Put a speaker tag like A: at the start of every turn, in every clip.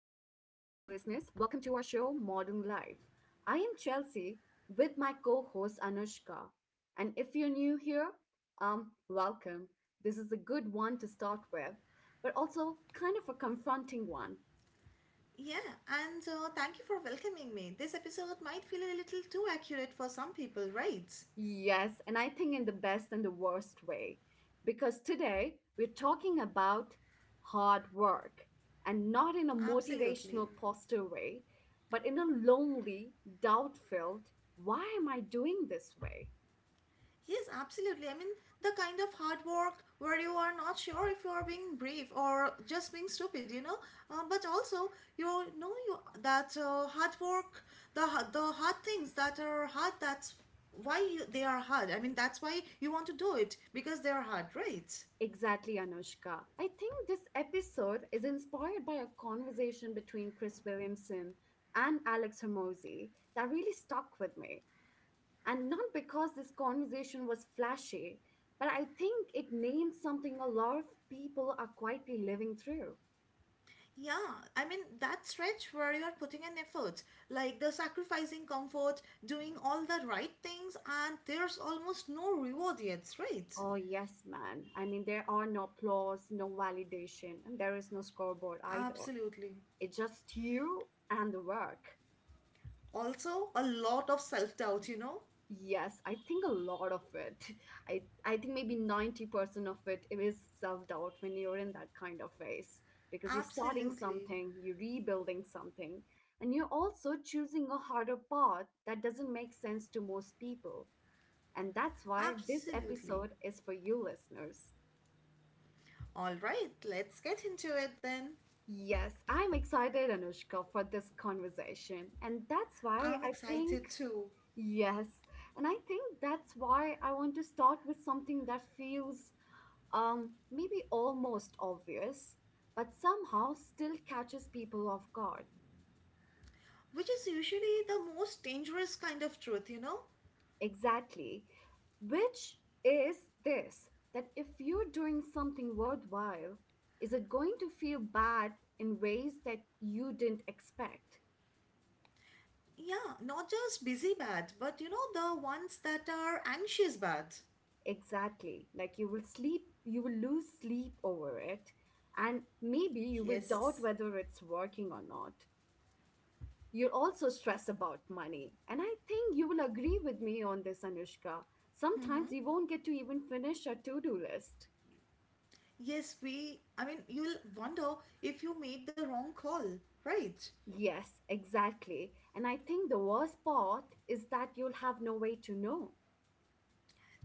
A: listeners, welcome to our show, Modern Life. I am Chelsea with my co host Anushka. And if you're new here, welcome. This is a good one to start with, but also kind of a confronting one.
B: Yeah, and thank you for welcoming me. This episode might feel a little too accurate for some people, right?
A: Yes, and I think in the best and the worst way. Because today we're talking about hard work, and not in a
B: Absolutely.
A: motivational posture way, but in a lonely, doubt filled, why am I doing this way?
B: Yes, absolutely. I mean, the kind of hard work where you are not sure if you are being brave or just being stupid, you know. But also, you know you that hard work, the hard things that are hard. That's why they are hard. I mean, that's why you want to do it because they are hard, right?
A: Exactly, Anushka. I think this episode is inspired by a conversation between Chris Williamson and Alex Hermosi that really stuck with me. And not because this conversation was flashy, but I think it named something a lot of people are quietly living through.
B: Yeah, I mean that stretch where you are putting in effort, like the sacrificing comfort, doing all the right things, and there's almost no reward yet, right?
A: Oh, yes, man. I mean, there are no applause, no validation, and there is no scoreboard either.
B: Absolutely.
A: It's just you and the work.
B: Also, a lot of self doubt, you know?
A: Yes, I think a lot of it. I think maybe 90% of it, it is self-doubt when you're in that kind of phase, because you're starting
B: Absolutely.
A: something, you're rebuilding something, and you're also choosing a harder path that doesn't make sense to most people. And that's why this
B: Absolutely.
A: episode is for you listeners.
B: All right, let's get into it then.
A: Yes, I'm excited, Anushka, for this conversation. And that's why
B: I'm
A: I think,
B: excited too,
A: yes, and I think that's why I want to start with something that feels maybe almost obvious, but somehow still catches people off guard.
B: which is usually the most dangerous kind of truth, you know?
A: Exactly. Which is this, that if you're doing something worthwhile, is it going to feel bad in ways that you didn't expect?
B: Yeah, not just busy bad, but you know, the ones that are anxious bad.
A: Exactly. Like you will sleep, you will lose sleep over it, and maybe you will doubt
B: Yes.
A: whether it's working or not. You also stress about money. And I think you will agree with me on this, Anushka. Sometimes
B: Hmm.
A: you won't get to even finish a to do list.
B: Yes, I mean, you'll wonder if you made the wrong call, right?
A: Yes, exactly. And I think the worst part is that you'll have no way to know.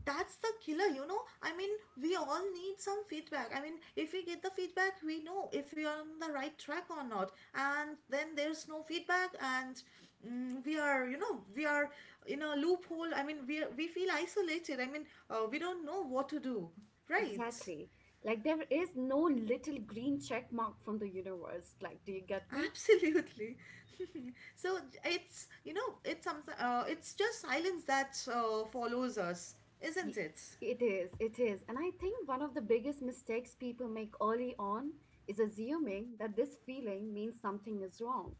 B: That's the killer, you know? I mean, we all need some feedback. I mean, if we get the feedback, we know if we are on the right track or not. And then there's no feedback, and we are in a loophole. I mean, we feel isolated. I mean, we don't know what to do, right?
A: Exactly. Like there is no little green check mark from the universe. Like, do you get me?
B: Absolutely. So it's you know it's some it's just silence that follows us,
A: Y-
B: isn't it?
A: It is, it is. And I think one of the biggest mistakes people make early on is assuming that this feeling means something is wrong.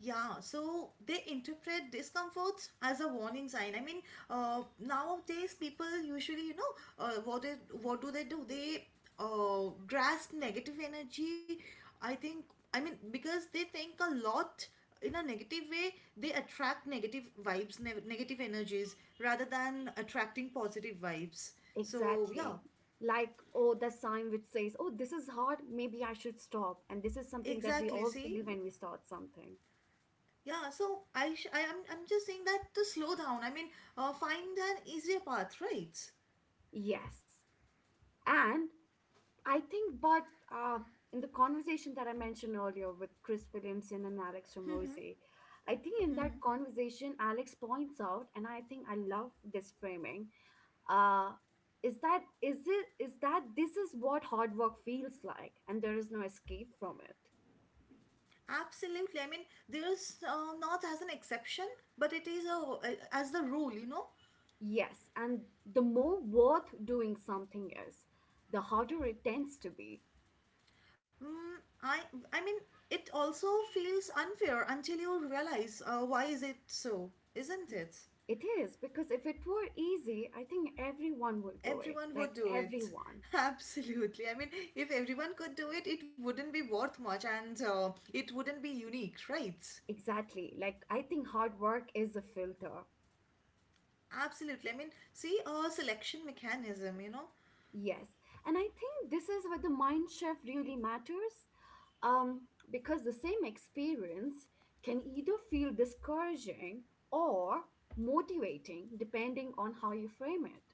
B: Yeah, so they interpret discomforts as a warning sign. I mean, nowadays people usually, uh, what they, what do? They grasp negative energy. I think, I mean, because they think a lot in a negative way, they attract negative vibes, negative energies, rather than attracting positive vibes. So yeah,
A: Exactly. Like, oh, the sign which says, oh, this is hard, maybe I should stop. And this is something that we
B: exactly.
A: all
B: See.
A: feel when we start something.
B: Yeah, so I sh- I am I'm just saying that to slow down. I mean, find an easier path, right?
A: Yes. And I think, but uh, in the conversation that I mentioned earlier with Chris Williamson and Alex
B: Mm-hmm,
A: Ramosi, I think in
B: mm-hmm.
A: that conversation, Alex points out, and I think I love this framing, uh, is that this is what hard work feels like, and there is no escape from it.
B: Absolutely. I mean, there's not as an exception, but as the rule, you know.
A: Yes, and the more worth doing something is, the harder it tends to be.
B: Mm, I I mean, it also feels unfair until you realize why is it so,
A: Y-
B: isn't it?
A: It is, because if it were easy, I think everyone would do it.
B: Everyone would
A: Like
B: do it.
A: everyone.
B: Absolutely. I mean, if everyone could do it, it wouldn't be worth much and it wouldn't be unique, right?
A: Exactly. Like I think hard work is a filter.
B: Absolutely. I mean, see a selection mechanism, you know?
A: Yes. And I think this is where the mind shift really matters. Because the same experience can either feel discouraging or motivating depending on how you frame it.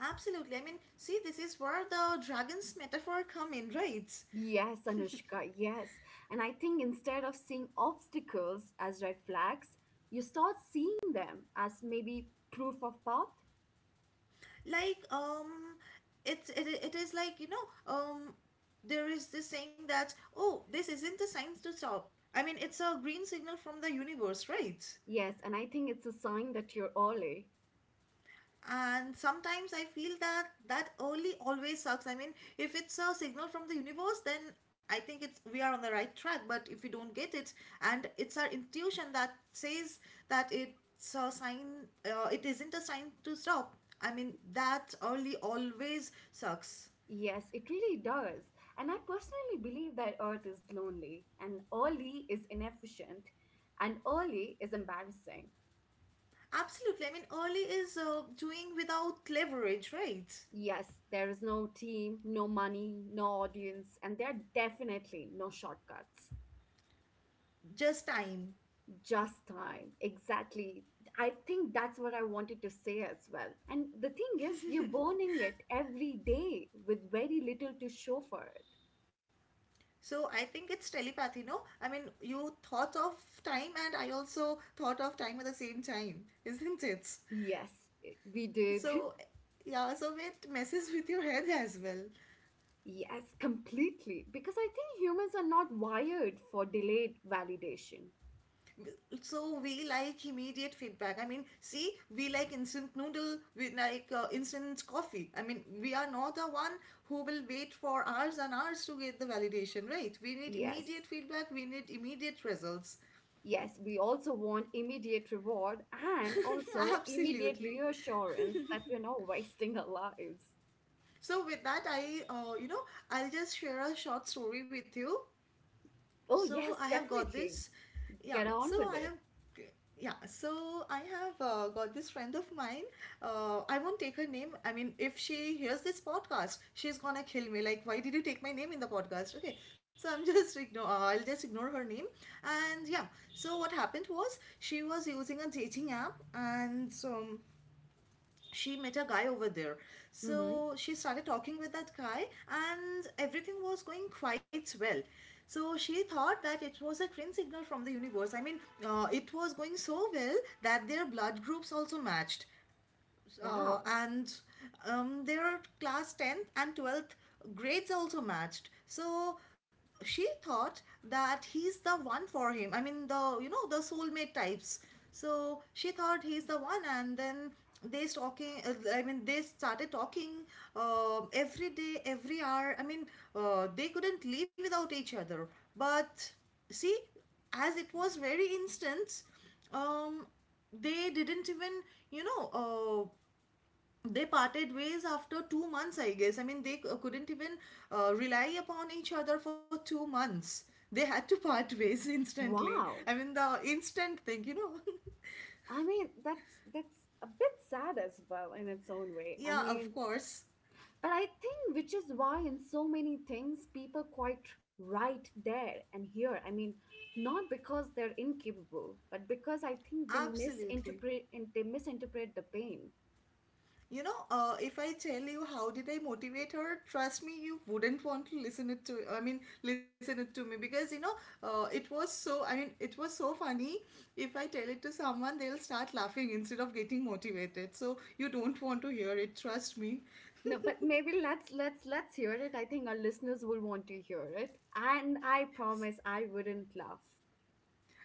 B: Absolutely. I mean, see, this is where the dragon's metaphor come in, right?
A: Yes, Anushka, yes. And I think instead of seeing obstacles as red flags, you start seeing them as maybe proof of path.
B: Like, it's it, it is like, you know, um, there is this saying that, oh, this isn't a sign to stop. I mean, it's a green signal from the universe, right?
A: Yes, and I think it's a sign that you're early.
B: And sometimes I feel that early always sucks. I mean, if it's a signal from the universe, then I think it's we are on the right track. But if we don't get it, and it's our intuition that says that it's a sign, it isn't a sign to stop. I mean, that early always sucks.
A: Yes, it really does. And I personally believe that Earth is lonely, and early is inefficient, and early is embarrassing.
B: Absolutely. I mean, early is doing without leverage, right?
A: Yes, there is no team, no money, no audience, and there are definitely no shortcuts.
B: Just time.
A: Just time. Exactly. I think that's what I wanted to say as well. And the thing is, you're burning it every day with very little to show for it.
B: So I think it's telepathy, no? I mean, you thought of time and I also thought of time at the same time, isn't it?
A: Yes, we did.
B: So, yeah, it messes with your head as well.
A: Yes, completely. Because I think humans are not wired for delayed validation.
B: So we like immediate feedback. I mean, see, we like instant noodle, we like instant coffee. I mean, we are not the one who will wait for hours and hours to get the validation, right? We need
A: Yes.
B: immediate feedback, we need immediate results.
A: Yes, we also want immediate reward and also immediate
B: Absolutely.
A: reassurance that we're not wasting our lives.
B: So with that, I you know I'll just share a short story with you.
A: Oh,
B: So
A: yes,
B: I have got
A: definitely.
B: this, yeah.
A: Get
B: So
A: on with
B: I
A: it.
B: have, yeah. So I have got this friend of mine. I won't take her name. I mean, if she hears this podcast, she's gonna kill me. Like, why did you take my name in the podcast? Okay. So I'm just ignore. I'll just ignore her name. And yeah. So what happened was she was using a dating app, and she met a guy over there.
A: Mm-hmm.
B: So she started talking with that guy, and everything was going quite well. So she thought that it was a green signal from the universe. I mean, it was going so well that their blood groups also matched,
A: Wow.
B: and their class 10th and 12th grades also matched. So she thought that he's the one for him. I mean, the you know the soulmate types. So she thought he's the one, and then, they talking I mean, they started talking every day, every hour. I mean, they couldn't live without each other. But see, as it was very instant, um, they didn't even, you know uh, they parted ways after 2 months, I guess. I mean, they couldn't even rely upon each other for 2 months. They had to part ways instantly. I
A: Wow.
B: mean, the instant thing, you know?
A: I mean, that's a bit sad as well in its own way. I
B: Yeah, of
A: mean,
B: course.
A: but I think which is why in so many things people quite right there and here. I mean, not because they're incapable, but because I think they
B: Absolutely.
A: misinterpret and they misinterpret the pain.
B: You know, if I tell you how did I motivate her, trust me, you wouldn't want to listen it to. I mean, listen it to me because you know, it was so. I mean, it was so funny. If I tell it to someone, they'll start laughing instead of getting motivated. So you don't want to hear it. Trust me.
A: No, but maybe let's hear it. I think our listeners will want to hear it. And I promise I wouldn't laugh.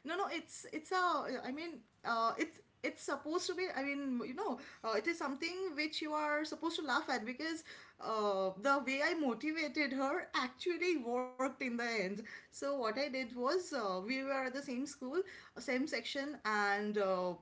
B: No, no, it's a. I mean, it's supposed to be. I mean, you know, it is something which you are supposed to laugh at because the way I motivated her actually worked in the end. So what I did was, we were at the same school, same section, and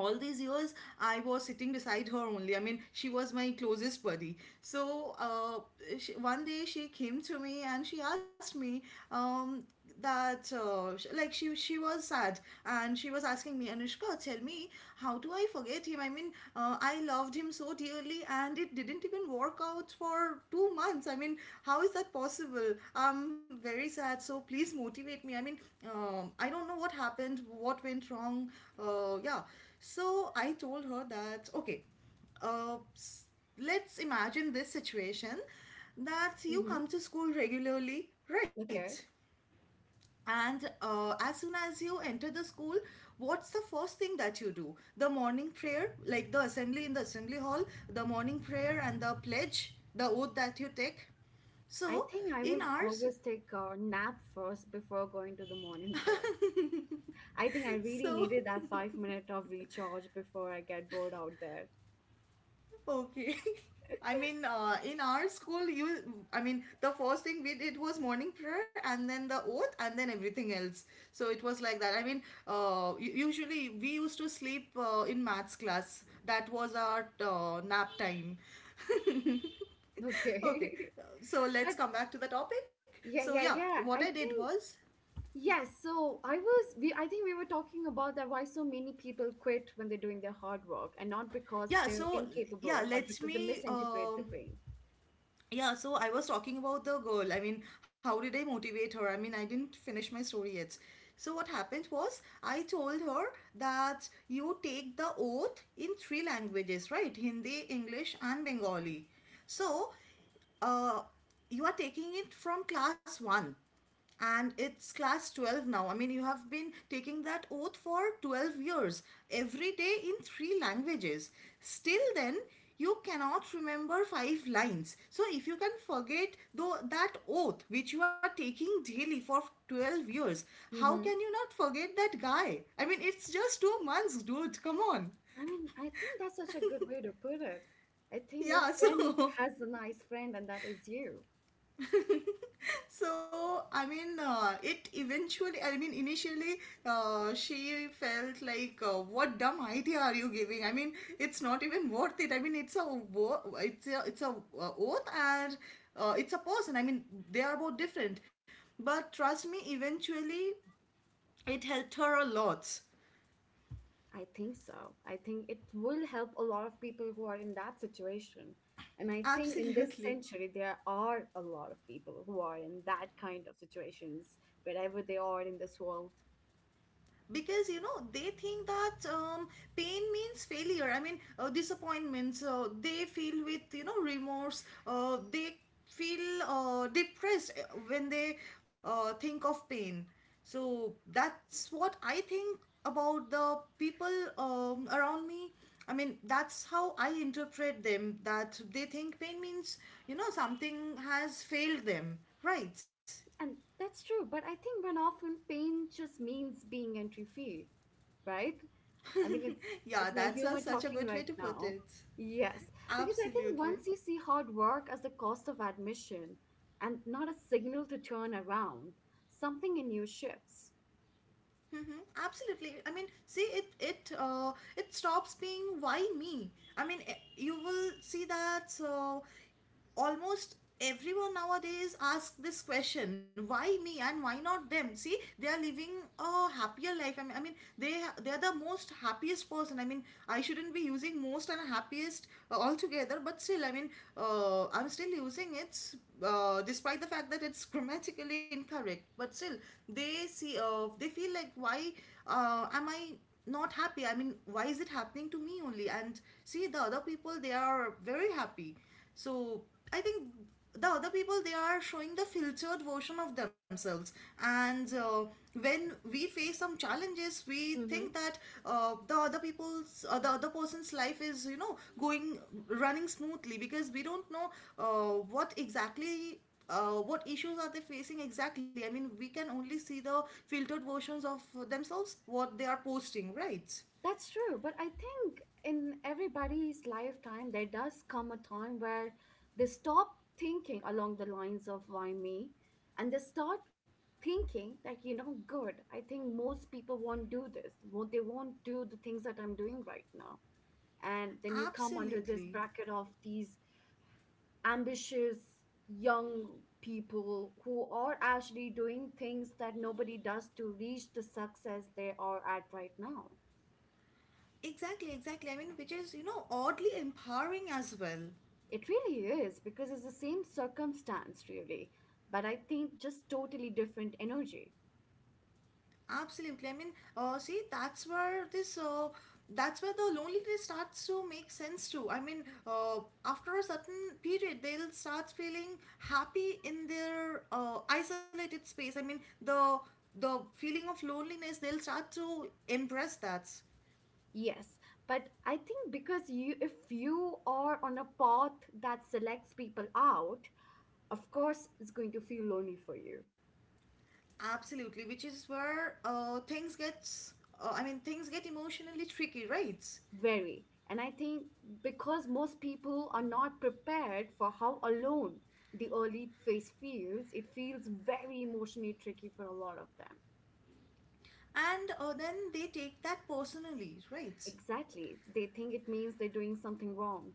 B: all these years I was sitting beside her only. I mean, she was my closest buddy. So one day she came to me and she asked me, um, that she was sad. And she was asking me, Anushka, tell me, how do I forget him? I mean, I loved him so dearly, and it didn't even work out for 2 months. I mean, how is that possible? I'm very sad, so please motivate me. I mean, I don't know what happened, what went wrong. Yeah. So I told her that, okay, uh, s- let's imagine this situation that you
A: Hmm.
B: come to school regularly, right?
A: Okay.
B: And as soon as you enter the school, what's the first thing that you do? The morning prayer, like the assembly in the assembly hall, the morning prayer and the pledge, the oath that you take.
A: I
B: So
A: think I would
B: in
A: always
B: ours,
A: take a nap first before going to the morning prayer. I think I really
B: so.
A: needed that 5 minute of recharge before I get bored out there.
B: Okay. I mean, in our school, I mean, the first thing we did was morning prayer and then the oath and then everything else. So it was like that. I mean, usually we used to sleep in maths class. That was our nap time. Okay.
A: Okay.
B: So let's
A: But
B: come back to the topic. So,
A: yeah,
B: yeah,
A: yeah,
B: what
A: yeah.
B: I
A: I
B: did
A: think
B: was,
A: yes. So I was we I think we were talking about that why so many people quit when they're doing their hard work, and not because
B: yeah,
A: they're
B: so, yeah,
A: incapable, but
B: let
A: because they
B: me.
A: misinterpret the pain.
B: Yeah, so I was talking about the girl. I mean, how did I motivate her? I mean, I didn't finish my story yet. So, what happened was, I told her that you take the oath in three languages, right? Hindi, English, and Bengali. So, uh, you are taking it from class one, and it's class 12 now. I mean, you have been taking that oath for 12 years, every day in three languages. Still, then, you cannot remember five lines. So, if you can forget though that oath which you are taking daily for 12 years, how
A: Mm-hmm.
B: can you not forget that guy? I mean, it's just 2 months, dude. Come on.
A: I mean, I think that's such a good way to put it. I think your
B: Yeah,
A: friend
B: so.
A: has a nice friend, and that is you.
B: So, I mean, it eventually, I mean, initially, she felt like, what dumb idea are you giving? I mean, it's not even worth it. I mean, it's a oath and it's a person. I mean, they are both different. But trust me, eventually, it helped her a lot.
A: I think so. I think it will help a lot of people who are in that situation. And I think in this
B: Absolutely.
A: century, there are a lot of people who are in that kind of situations, wherever they are in this world.
B: Because you know they think that pain means failure. I mean, disappointments, they feel with remorse, they feel depressed when they think of pain. So that's what I think about the people around me. I mean, that's how I interpret them, that they think pain means something has failed them, right?
A: And that's true. But I think when often pain just means being entry free, right? I mean, it's
B: Yeah,
A: it's my
B: that's
A: humor
B: such a
A: talking
B: good way
A: right
B: to put
A: now.
B: it.
A: Yes, because I think once
B: Absolutely.
A: you see hard work as the cost of admission and not a signal to turn around, something in you shifts.
B: Hmm. Absolutely. I mean, see, it stops being why me. I mean, you will see that. So almost everyone nowadays asks this question, why me and why not them? See, they are living a happier life. I mean, they they are the most happiest person. I mean, I shouldn't be using most and happiest altogether, but still, I mean, I'm still using it, despite the fact that it's grammatically incorrect. But still, they see, they feel like, why am I not happy? I mean, why is it happening to me only? And see, the other people, they are very happy. So I think the other people, they are showing the filtered version of themselves. And when we face some challenges, we think
A: Hmm.
B: that the other person's life is, you know, going running smoothly because we don't know what exactly. What issues are they facing exactly? I mean, we can only see the filtered versions of themselves, what they are posting, right?
A: That's true. But I think in everybody's lifetime, there does come a time where they stop thinking along the lines of why me, and they start thinking that, you know, good, I think most people won't do this. Won't, they won't do the things that I'm doing right now. And then you come under this
B: Absolutely.
A: bracket of these ambitious young people who are actually doing things that nobody does to reach the success they are at right now.
B: Exactly, exactly. I mean, which is, you know, oddly empowering as well.
A: It really is because it's the same circumstance, really, but I think just totally different energy.
B: Absolutely. I mean, see, that's where the loneliness starts to make sense too. I mean, after a certain period, they'll start feeling happy in their isolated space. I mean, the feeling of loneliness, they'll start to embrace that.
A: Yes, but I think because you, if you are on a path that selects people out, of course, it's going to feel lonely for you.
B: Absolutely, which is where things get emotionally tricky, right?
A: Very. And I think because most people are not prepared for how alone the early phase feels, it feels very emotionally tricky for a lot of them.
B: And then they take that personally, right?
A: Exactly. They think it means they're doing something wrong.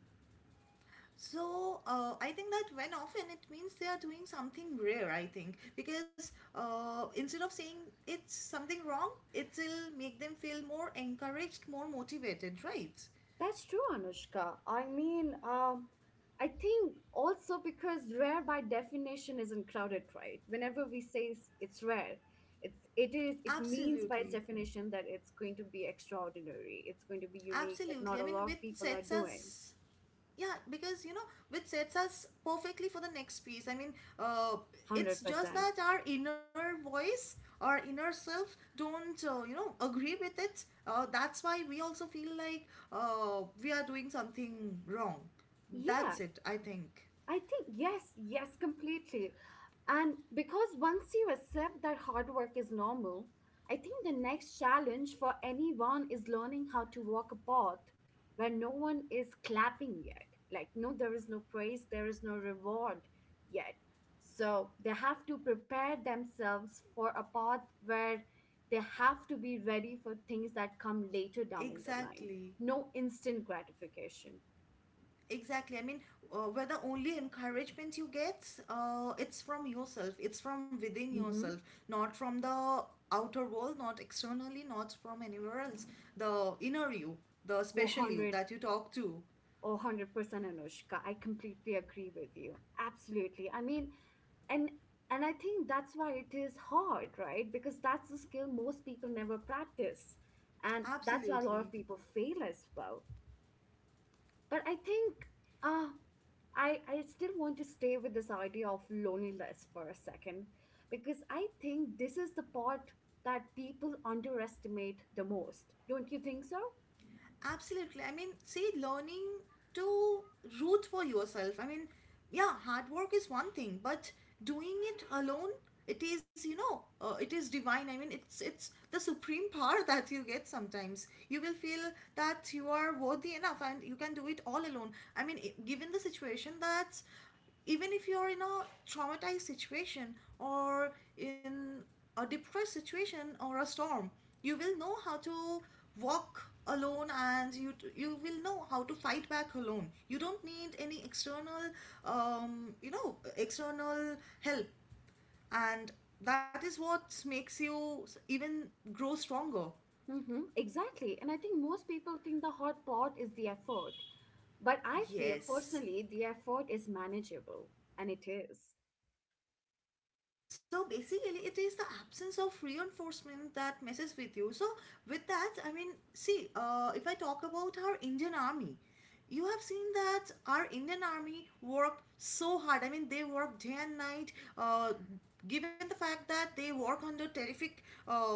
B: So I think that when often it means they are doing something rare. I think because, instead of saying it's something wrong, it will make them feel more encouraged, more motivated, right?
A: That's true, Anushka. I mean, I think also because rare by definition isn't crowded, right? Whenever we say it's rare, it's it is it means by
B: Absolutely,
A: its definition that it's going to be extraordinary. It's going to be unique that
B: absolutely.
A: not
B: I
A: a
B: mean,
A: lot
B: which
A: of people are
B: sets
A: doing.
B: us, yeah, because you know, which sets us perfectly for the next piece. I mean, uh, it's
A: Hundred
B: just
A: percent.
B: that our inner voice, our inner self don't agree with it. That's why we also feel like we are doing something wrong.
A: Yeah,
B: That's it, I think.
A: I think yes, yes, completely. And because once you accept that hard work is normal, I think the next challenge for anyone is learning how to walk a path where no one is clapping yet. Like, no, there is no praise, there is no reward yet. So they have to prepare themselves for a path where they have to be ready for things that come later down in the line.
B: Exactly.
A: No instant gratification.
B: Exactly. I mean, where the only encouragement you get, it's from yourself. It's from within
A: Mm-hmm.
B: yourself, not from the outer world, not externally, not from anywhere else. The inner you, the special you that you talk to.
A: Oh, 100% Anushka. I completely agree with you. Absolutely. I mean, and and I think that's why it is hard, right? Because that's a skill most people never practice. And that's why a lot of
B: Absolutely.
A: people fail as well. But I think uh I still want to stay with this idea of loneliness for a second, because I think this is the part that people underestimate the most. Don't you think so?
B: Absolutely. I mean, see, learning to root for yourself. I mean, yeah, hard work is one thing, but doing it alone, it is divine. I mean, it's the supreme power that you get sometimes. You will feel that you are worthy enough and you can do it all alone. I mean, given the situation that's, even if you're in a traumatized situation, or in a depressed situation, or a storm, you will know how to walk alone, and you will know how to fight back alone. You don't need any external you know external help, and that is what makes you even grow stronger.
A: Mm-hmm, exactly. And I think most people think the hot pot is the effort. But I feel
B: Yes,
A: personally the effort is manageable. And it is.
B: so basically it is the absence of reinforcement that messes with you. So with that, I mean, see, if I talk about our Indian army, you have seen that our Indian army work so hard. I mean, they work day and night, given the fact that they work under terrific uh,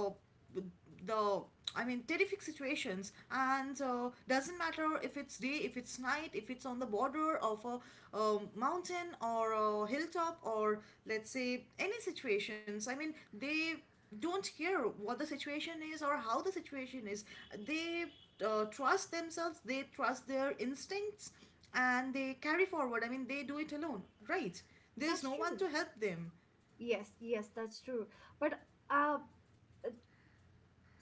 B: the I mean terrific situations, and doesn't matter if it's day, if it's night, if it's on the border of a mountain or a hilltop, or let's say, any situations. I mean, they don't care what the situation is or how the situation is. They trust themselves, they trust their instincts, and they carry forward. I mean, they do it alone, right? There's
A: That's
B: no one
A: true.
B: to help them.
A: Yes, yes, that's true. But uh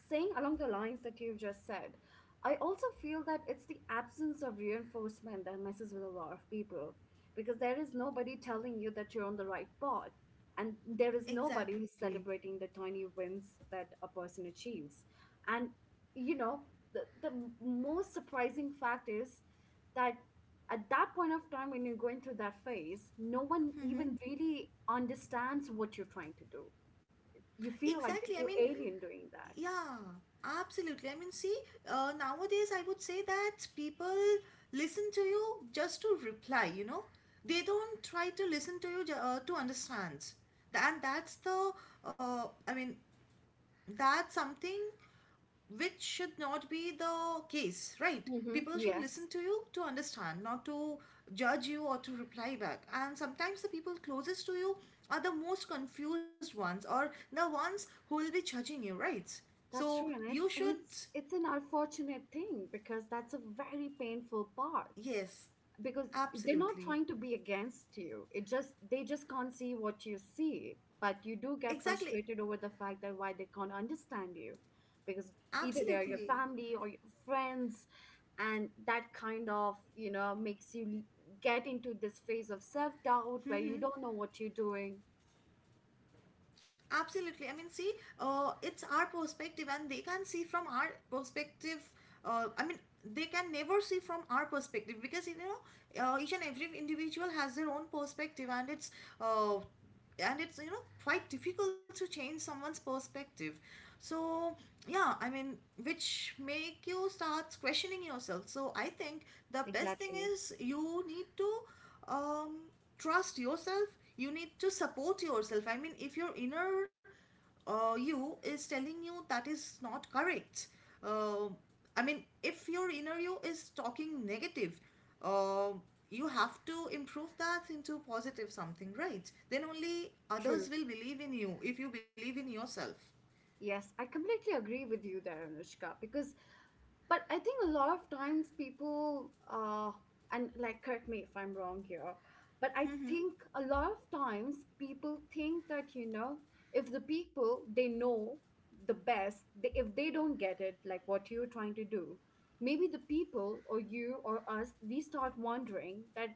A: saying along the lines that you've just said, I also feel that it's the absence of reinforcement that messes with a lot of people, because there is nobody telling you that you're on the right path. And there is nobody who's
B: Exactly.
A: celebrating the tiny wins that a person achieves. And, you know, most surprising fact is that at that point of time when you're going through that phase, no one
B: Hmm.
A: even really understands what you're trying to do. You feel like that
B: Exactly. I
A: you're
B: mean,
A: alien doing that.
B: yeah, absolutely. I mean, see, nowadays I would say that people listen to you just to reply, you know. They don't try to listen to you to understand. And that's uh, I mean, that's something which should not be the case, right?
A: Mm-hmm.
B: People should
A: Yes,
B: listen to you to understand, not to judge you or to reply back. And sometimes the people closest to you are the most confused ones or the ones who will be judging you, right?
A: that's true,
B: So
A: and
B: you should,
A: it's an unfortunate thing because that's a very painful part.
B: yes,
A: Because they're not trying to
B: absolutely.
A: be against you, it just they just can't see what you see. But you do get
B: Exactly,
A: frustrated over the fact that why they can't understand you, because either they are your
B: absolutely.
A: family or your friends, and that kind of makes you get into this phase of self doubt where you don't know what you're doing.
B: Absolutely. I mean, see, it's our perspective, and they can see from our perspective. I mean, they can never see from our perspective because, you know, each and every individual has their own perspective, and uh, it's you know, quite difficult to change someone's perspective. So yeah, I mean, which make you start questioning yourself. So I think the best thing
A: Exactly.
B: is you need to um, trust yourself. You need to support yourself. I mean, if your inner you is telling you that is not correct. Uh, I mean, if your inner you is talking negative, uh, you have to improve that into positive something, right? Then only
A: True.
B: others will believe in you if you believe in yourself.
A: Yes, I completely agree with you there, Anushka, because, but I think a lot of times people and like correct me if I'm wrong here, but I
B: Mm-hmm.
A: think a lot of times people think that, you know, if the people they know the best, they, if they don't get it, like what you're trying to do, maybe the people or you or us, we start wondering that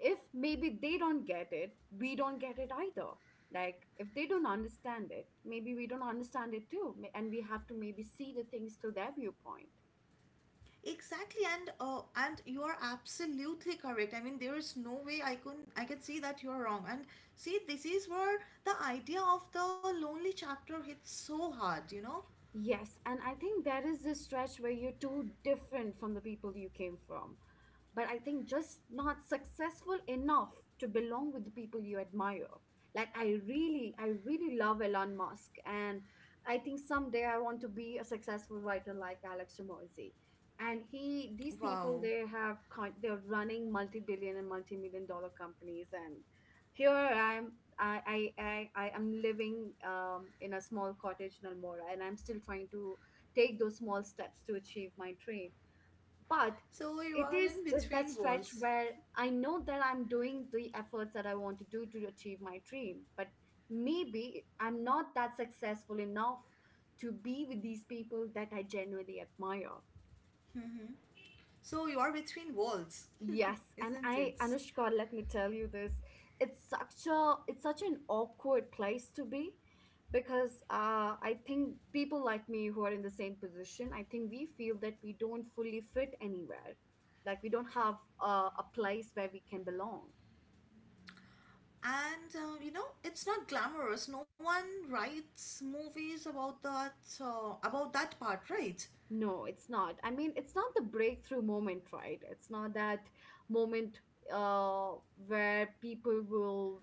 A: if maybe they don't get it, we don't get it either. Like, if they don't understand it, maybe we don't understand it too. And we have to maybe see the things through their viewpoint.
B: Exactly, and you are absolutely correct. I mean, there is no way I can see that you are wrong. And see, this is where the idea of the lonely chapter hits so hard. You know,
A: Yes. And I think there is this stretch where you're too different from the people you came from, but I think just not successful enough to belong with the people you admire. Like I really love Elon Musk, and I think someday I want to be a successful writer like Alex Ramosi. And he, these people,
B: wow.
A: they have, they're running multi-billion and multi-million dollar companies, and here I am, I am living in a small cottage in Almora, and I'm still trying to take those small steps to achieve my dream. But
B: So you
A: it
B: are in
A: is that
B: between
A: stretch
B: walls.
A: where I know that I'm doing the efforts that I want to do to achieve my dream, but maybe I'm not that successful enough to be with these people that I genuinely admire.
B: So you are between walls,
A: Yes, and
B: isn't
A: I
B: it?
A: Anushka, let me tell you this. It's such an awkward place to be because I think people like me who are in the same position, I think we feel that we don't fully fit anywhere. Like we don't have a, a place where we can belong.
B: And it's not glamorous. No one writes movies about that part, right?
A: No, it's not. I mean, it's not the breakthrough moment, right? It's not that moment where people will,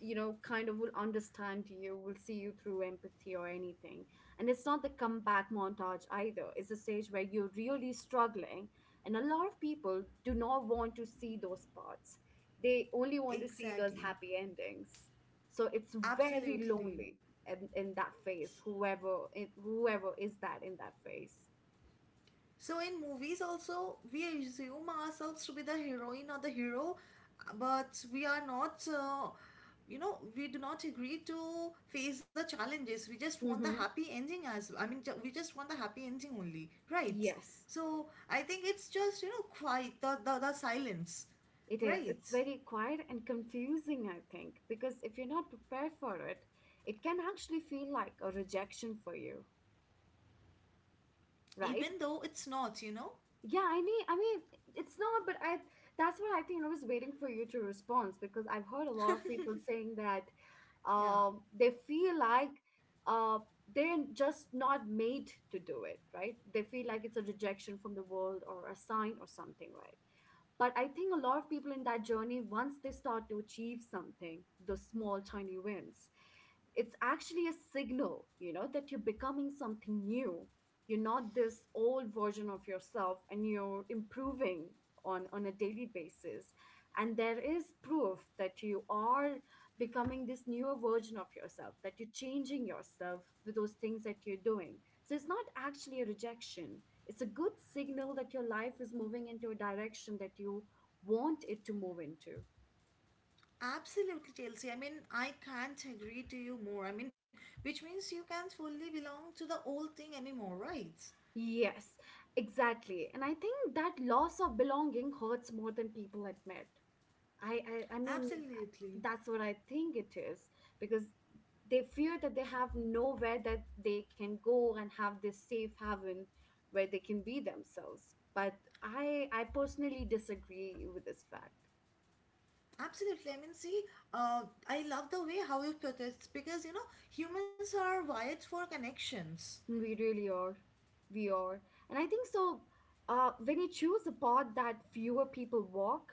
A: you know, kind of will understand you, will see you through empathy or anything. And it's not the comeback montage either. It's a stage where you're really struggling. And a lot of people do not want to see those parts, they only want to see those
B: Exactly.
A: happy endings. So it's very
B: Absolutely.
A: lonely in that phase, whoever, whoever is that in that phase.
B: So in movies also, we assume ourselves to be the heroine or the hero, but we are not. We do not agree to face the challenges. We just want the
A: Mm-hmm.
B: happy ending, as I mean, we just want the happy ending only, right?
A: Yes,
B: So I think it's just quiet, the silence,
A: it is.
B: right?
A: It's very quiet and confusing, I think, because if you're not prepared for it, it can actually feel like a rejection for you, right?
B: Even though it's not, you know,
A: Yeah, I need, I mean, it's not, but I, that's what I think I was waiting for you to respond because I've heard a lot of people saying that
B: yeah.
A: they feel like uh, they're just not made to do it, right? They feel like it's a rejection from the world or a sign or something, right? But I think a lot of people in that journey, once they start to achieve something, those small, tiny wins, it's actually a signal, you know, that you're becoming something new. You're not this old version of yourself and you're improving on a daily basis. And there is proof that you are becoming this newer version of yourself, that you're changing yourself with those things that you're doing. So it's not actually a rejection. It's a good signal that your life is moving into a direction that you want it to move into.
B: Absolutely, Chelsea. I mean, I can't agree to you more. I mean, which means you can't fully belong to the old thing anymore, right?
A: Yes, exactly. And I think that loss of belonging hurts more than people admit. I, I mean,
B: Absolutely.
A: that's what I think it is, because they fear that they have nowhere that they can go and have this safe haven where they can be themselves. But I personally disagree with this fact.
B: Absolutely. I mean, see, uh, I love the way how you put it because, you know, humans are wired for connections.
A: We really are. We are. And I think so, when you choose a path that fewer people walk,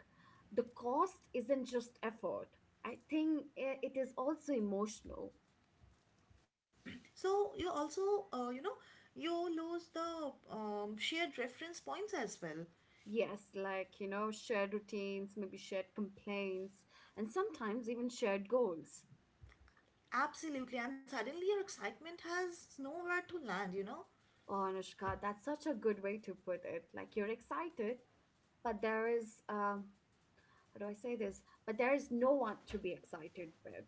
A: the cost isn't just effort. I think it is also emotional.
B: So you also, you lose the shared reference points as well.
A: Yes, like, you know, shared routines, maybe shared complaints, and sometimes even shared goals.
B: Absolutely. And suddenly your excitement has nowhere to land, you know?
A: Oh, Anushka, that's such a good way to put it. Like, you're excited, but there is, how do I say this? But there is no one to be excited with.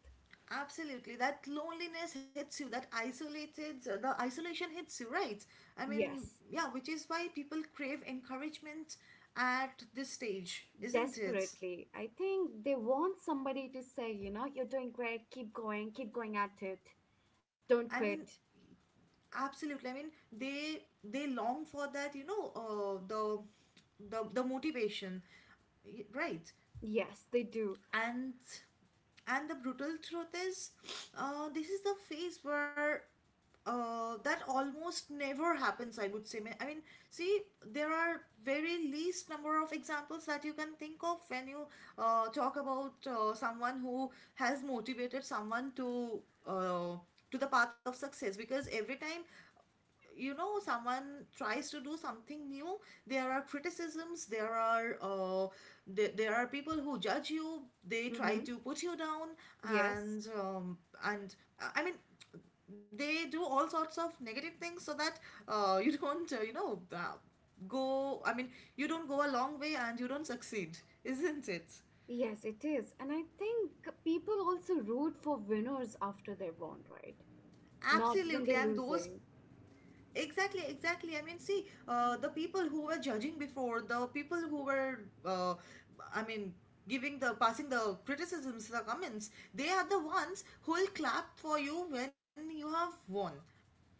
B: Absolutely. That loneliness hits you, that isolated, the isolation hits you, right? I mean,
A: Yes.
B: yeah, which is why people crave encouragement at this stage, isn't it?
A: Desperately. I think they want somebody to say, you know, you're doing great, keep going at it,
B: I
A: don't
B: mean,
A: quit.
B: absolutely. I mean, they long for that, you know, the motivation. Right?
A: Yes, they do.
B: and and the brutal truth is, this is the phase where that almost never happens, I would say. I mean, see, there are very least number of examples that you can think of when you talk about someone who has motivated someone uh, to the path of success. Because every time, you know, someone tries to do something new, there are criticisms, there are people who judge you, they try
A: Mm-hmm.
B: to put you down.
A: Yes,
B: And um, and uh, i mean they do all sorts of negative things so that you don't go, you don't go a long way and you don't succeed, isn't it?
A: yes, it is. And I think people also root for winners after they won, right? Not when
B: Absolutely.
A: they're
B: And those
A: losing.
B: Exactly, exactly. I mean, see, the people who were judging before, the people who were, uh, I mean, giving the passing the criticisms, the comments, they are the ones who will clap for you when you have won.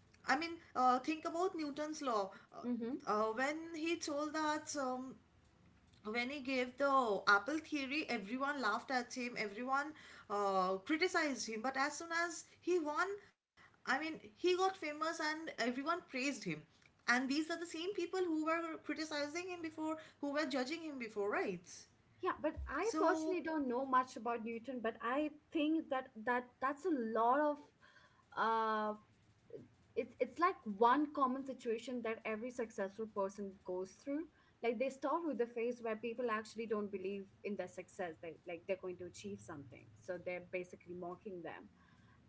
B: I mean, think about Newton's law.
A: Mm-hmm.
B: Uh, when he told that um, when he gave the apple theory, everyone laughed at him. Everyone criticized him, but as soon as he won, I mean, he got famous and everyone praised him. And these are the same people who were criticizing him before, who were judging him before, right?
A: Yeah, but I
B: So
A: personally don't know much about Newton, but I think that that's a lot of uh it's like one common situation that every successful person goes through. Like they start with the phase where people actually don't believe in their success, they like they're going to achieve something, so they're basically mocking them.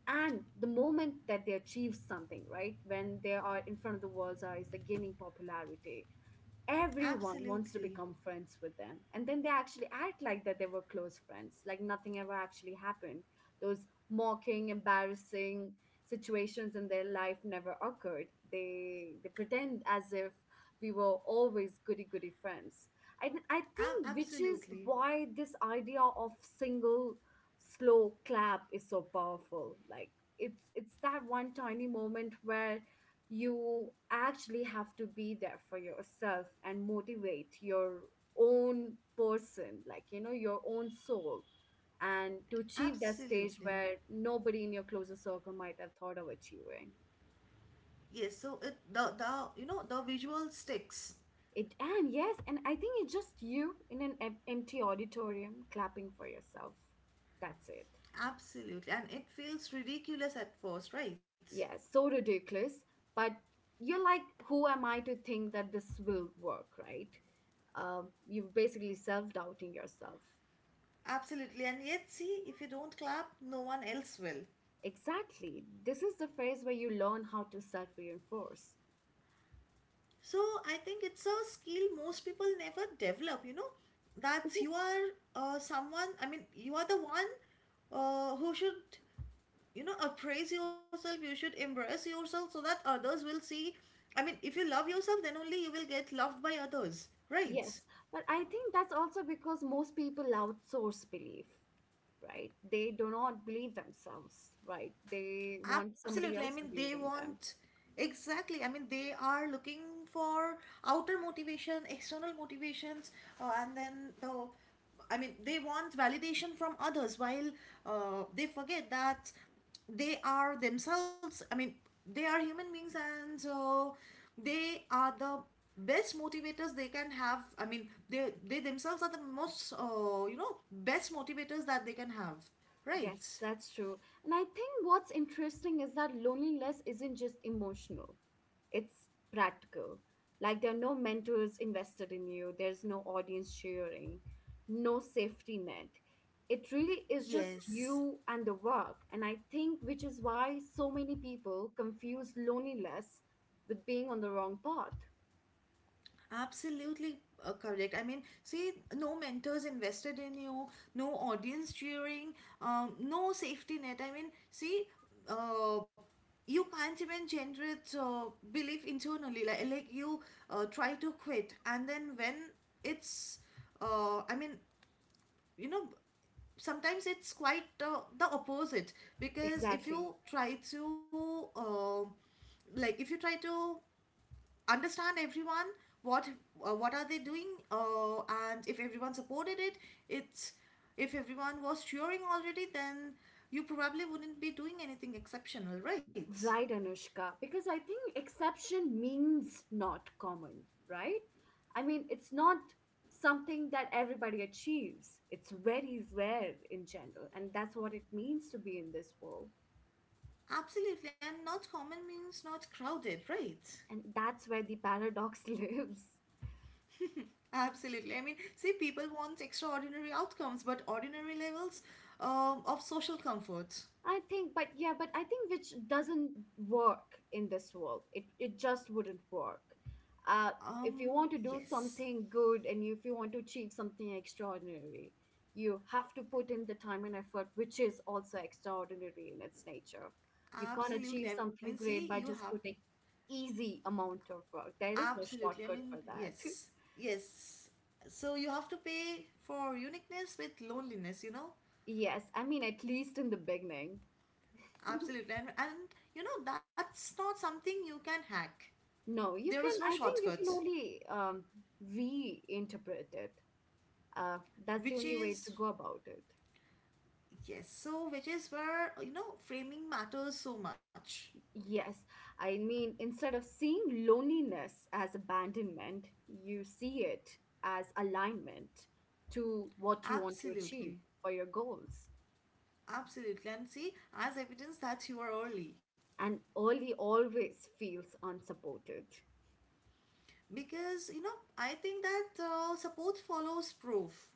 A: And the moment that they achieve something, right, when they are in front of the world's eyes, they're gaining popularity, everyone wants to
B: absolutely.
A: become friends with them, and then they actually act like that they were close friends, like nothing ever actually happened. Those mocking, embarrassing situations in their life never occurred. They pretend as if we were always goody goody friends. I think which is
B: Absolutely,
A: why this idea of single slow clap is so powerful. Like it's that one tiny moment where you actually have to be there for yourself and motivate your own person, like you know your own soul, and to achieve that stage
B: absolutely.
A: where nobody in your closer circle might have thought of achieving
B: Yes. So it the you know, the visual sticks.
A: it. And yes, and I think it's just you in an empty auditorium clapping for yourself, that's it.
B: Absolutely. And it feels ridiculous at first, right?
A: Yeah, so ridiculous. But you're like, who am I to think that this will work, right? um, you're basically self-doubting yourself.
B: Absolutely. And yet, see, if you don't clap, no one else will.
A: Exactly. This is the phase where you learn how to self reinforce.
B: So I think it's a skill most people never develop, you know, that
A: Because,
B: you are you are the one who should, you know, appraise yourself, you should embrace yourself so that others will see. I mean, if you love yourself, then only you will get loved by others, right?
A: yes, but I think that's also because most people outsource belief, right? They do not believe themselves, right? They want
B: Absolutely. I
A: somebody
B: mean,
A: else to
B: they
A: believe in
B: want,
A: them.
B: exactly. I mean, they are looking for outer motivation, external motivations, and then the. I mean, they want validation from others while they forget that they are themselves. I mean, they are human beings and so they are the best motivators they can have. I mean, they themselves are the most, best motivators that they can have. Right?
A: Yes, that's true. And I think what's interesting is that loneliness isn't just emotional, it's practical. Like there are no mentors invested in you, there's no audience cheering, no safety net. It really is just
B: Yes.
A: you and the work. And I think which is why so many people confuse loneliness with being on the wrong path.
B: Absolutely, correct. I mean, see, no mentors invested in you, no audience cheering, no safety net. I mean, see, uh, you can't even generate belief internally. Like you try to quit, and then when it's, I mean, you know, sometimes it's quite the opposite, because if
A: Exactly.
B: you try to, like, if you try to understand everyone, what what are they doing, and if everyone supported it it's if everyone was cheering already, then you probably wouldn't be doing anything exceptional, right?
A: Right, Anushka, because I think exception means not common, right? I mean, it's not something that everybody achieves. It's very rare in general, and that's what it means to be in this world.
B: Absolutely. And not common means not crowded, right?
A: And that's where the paradox lives.
B: Absolutely. I mean, see, people want extraordinary outcomes, but ordinary levels of social comfort.
A: I think, but yeah, but I think which doesn't work in this world. It just wouldn't work. Uh, if you want to do
B: Yes,
A: something good and if you want to achieve something extraordinary, you have to put in the time and effort, which is also extraordinary in its nature. You can't
B: absolutely.
A: achieve
B: I mean,
A: something
B: see, you
A: great by
B: have
A: just putting easy amount of work. There is no
B: absolutely. I
A: shortcut
B: mean,
A: for that.
B: yes. Yes. So you have to pay for uniqueness with loneliness, you know?
A: Yes, I mean at least in the beginning.
B: Absolutely. And you know, that's not something you can hack.
A: No, you
B: There
A: can.
B: is no
A: I think you can
B: shortcuts,
A: only reinterpret it. Uh, that's the
B: which
A: only way to
B: is,
A: go about it.
B: yes. So, which is where, you know, framing matters so much.
A: Yes, I mean, instead of seeing loneliness as abandonment, you see it as alignment to what you want to achieve
B: Absolutely.
A: for your goals.
B: Absolutely. And see, as evidence that you are early.
A: And early always feels unsupported.
B: Because, you know, I think that support follows proof.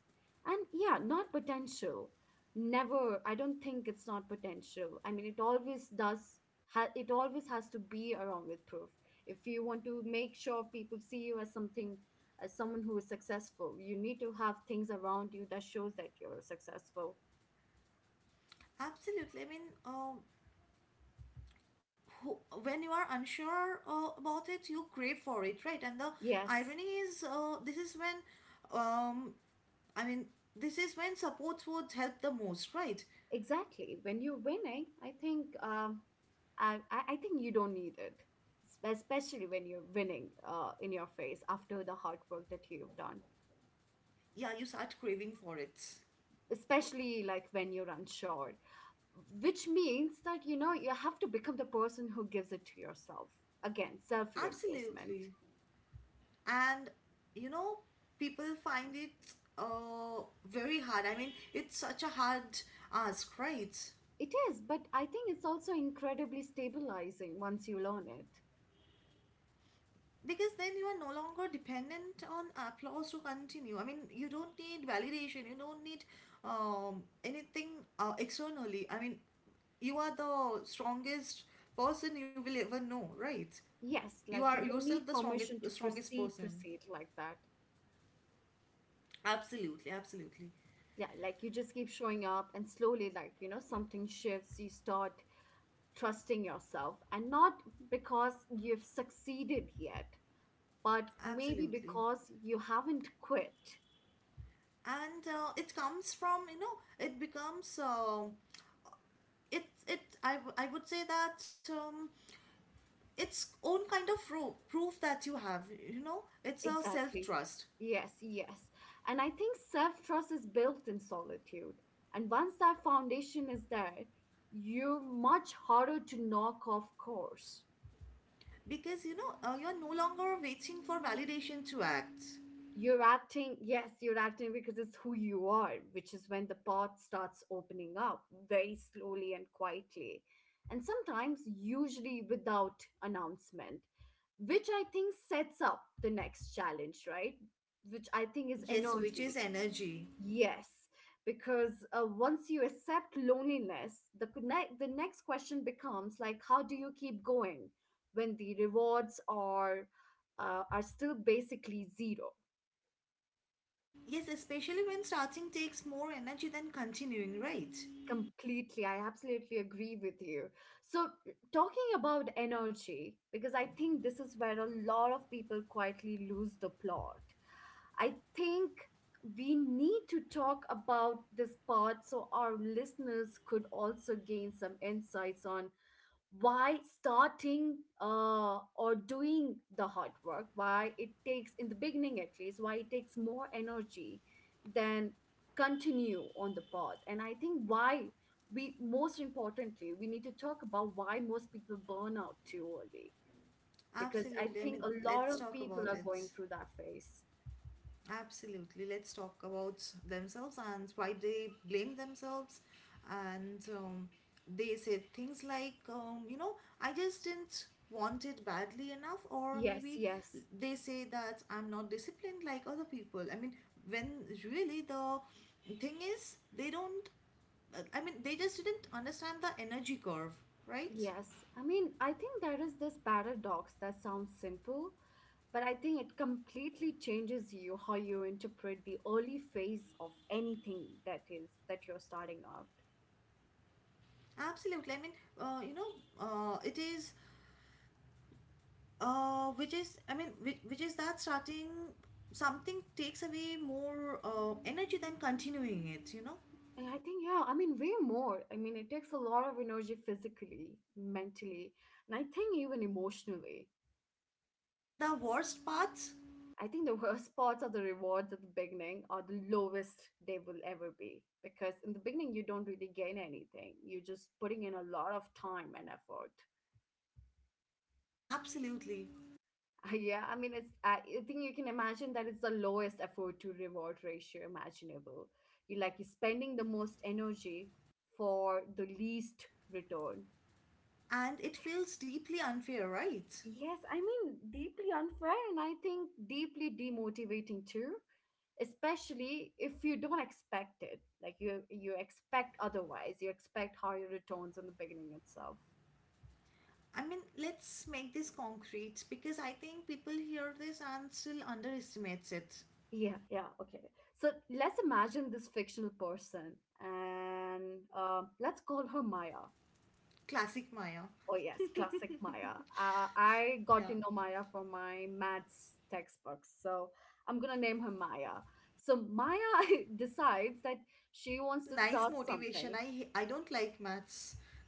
A: And yeah, not potential. Never, I don't think it's not potential, I mean it always does, it always has to be along with proof. If you want to make sure people see you as something, as someone who is successful, you need to have things around you that shows that you're successful.
B: Absolutely. I mean, who, when you are unsure about it, you crave for it, right? And the
A: Yes,
B: irony is, this is when, I mean, this is when support would help the most, right?
A: exactly. When you're winning, I think, I I think you don't need it, especially when you're winning in your face after the hard work that you've done.
B: Yeah, you start craving for it.
A: Especially like when you're unsure, which means that you know you have to become the person who gives it to yourself, again self reinforcement.
B: Absolutely. And you know, people find it uh, very hard. I mean, it's such a hard ask, right?
A: It is, but I think it's also incredibly stabilizing once you learn it.
B: Because then you are no longer dependent on applause to continue. I mean, you don't need validation, you don't need anything externally. I mean, you are the strongest person you will ever know, right?
A: Yes,
B: You
A: like
B: are
A: you don't
B: yourself
A: need
B: the strongest,
A: permission to
B: strongest
A: proceed
B: person.
A: proceed like that.
B: Absolutely, absolutely,
A: Yeah, like you just keep showing up, and slowly, like you know, something shifts. You start trusting yourself, and not because you've succeeded yet, but maybe
B: absolutely.
A: because you haven't quit.
B: And it comes from, you know, it becomes, I, I would say that its own kind of proof, proof that you have, you know, it's a self
A: Exactly.
B: trust,
A: Yes, yes. And I think self trust is built in solitude. And once that foundation is there, you're much harder to knock off course.
B: because you know, you're no longer waiting for validation to act.
A: You're acting, yes, you're acting because it's who you are, which is when the pot starts opening up very slowly and quietly. And sometimes, usually without announcement, which I think sets up the next challenge, right? Which I think is
B: Yes, which is
A: energy.
B: energy.
A: Yes, because once you accept loneliness, the connect, the next question becomes like, how do you keep going when the rewards are still basically zero?
B: Yes, especially when starting takes more energy than continuing, right?
A: Completely. I absolutely agree with you. So, talking about energy, because I think this is where a lot of people quietly lose the plot. I think we need to talk about this part so our listeners could also gain some insights on why starting or doing the hard work, why it takes in the beginning, at least why it takes more energy than continue on the path. And I think why we, most importantly, we need to talk about why most people burn out too early, because I
B: Absolutely. I
A: think
B: mean,
A: a lot
B: let's
A: of
B: talk
A: people
B: about
A: are
B: it.
A: going through that phase.
B: Absolutely. Let's talk about themselves and why they blame themselves. And they said things like, you know, I just didn't want it badly enough, or
A: yes
B: maybe
A: yes
B: they say that I'm not disciplined like other people. I mean, when really the thing is, they don't, I mean, they just didn't understand the energy curve, right?
A: Yes, I mean, I think there is this paradox that sounds simple, but I think it completely changes you how you interpret the early phase of anything that is that you're starting out.
B: Absolutely. I mean, you know, it is which is, I mean, which is that starting something takes away more energy than continuing it, you know.
A: And I think, yeah, I mean, way more. I mean, it takes a lot of energy physically, mentally, and I think even emotionally.
B: And the worst parts,
A: I think the worst parts of the rewards at the beginning are the lowest they will ever be, because in the beginning you don't really gain anything. You're just putting in a lot of time and effort.
B: absolutely.
A: Yeah, I mean, it's, I think you can imagine that it's the lowest effort to reward ratio imaginable. You like you're spending the most energy for the least return.
B: And it feels deeply unfair, right?
A: Yes, I mean deeply unfair, and I think deeply demotivating too. Especially if you don't expect it, like you expect otherwise. You expect higher returns in the beginning itself.
B: I mean, let's make this concrete, because I think people hear this and still underestimates it.
A: Yeah, yeah, okay. So let's imagine this fictional person and let's call her Maya.
B: Classic Maya.
A: Oh, yes, classic Maya. I
B: Yeah,
A: got to know Maya from my maths textbooks, so I'm gonna name her Maya. So Maya decides that she wants to
B: nice
A: start
B: motivation,
A: something.
B: I don't like maths.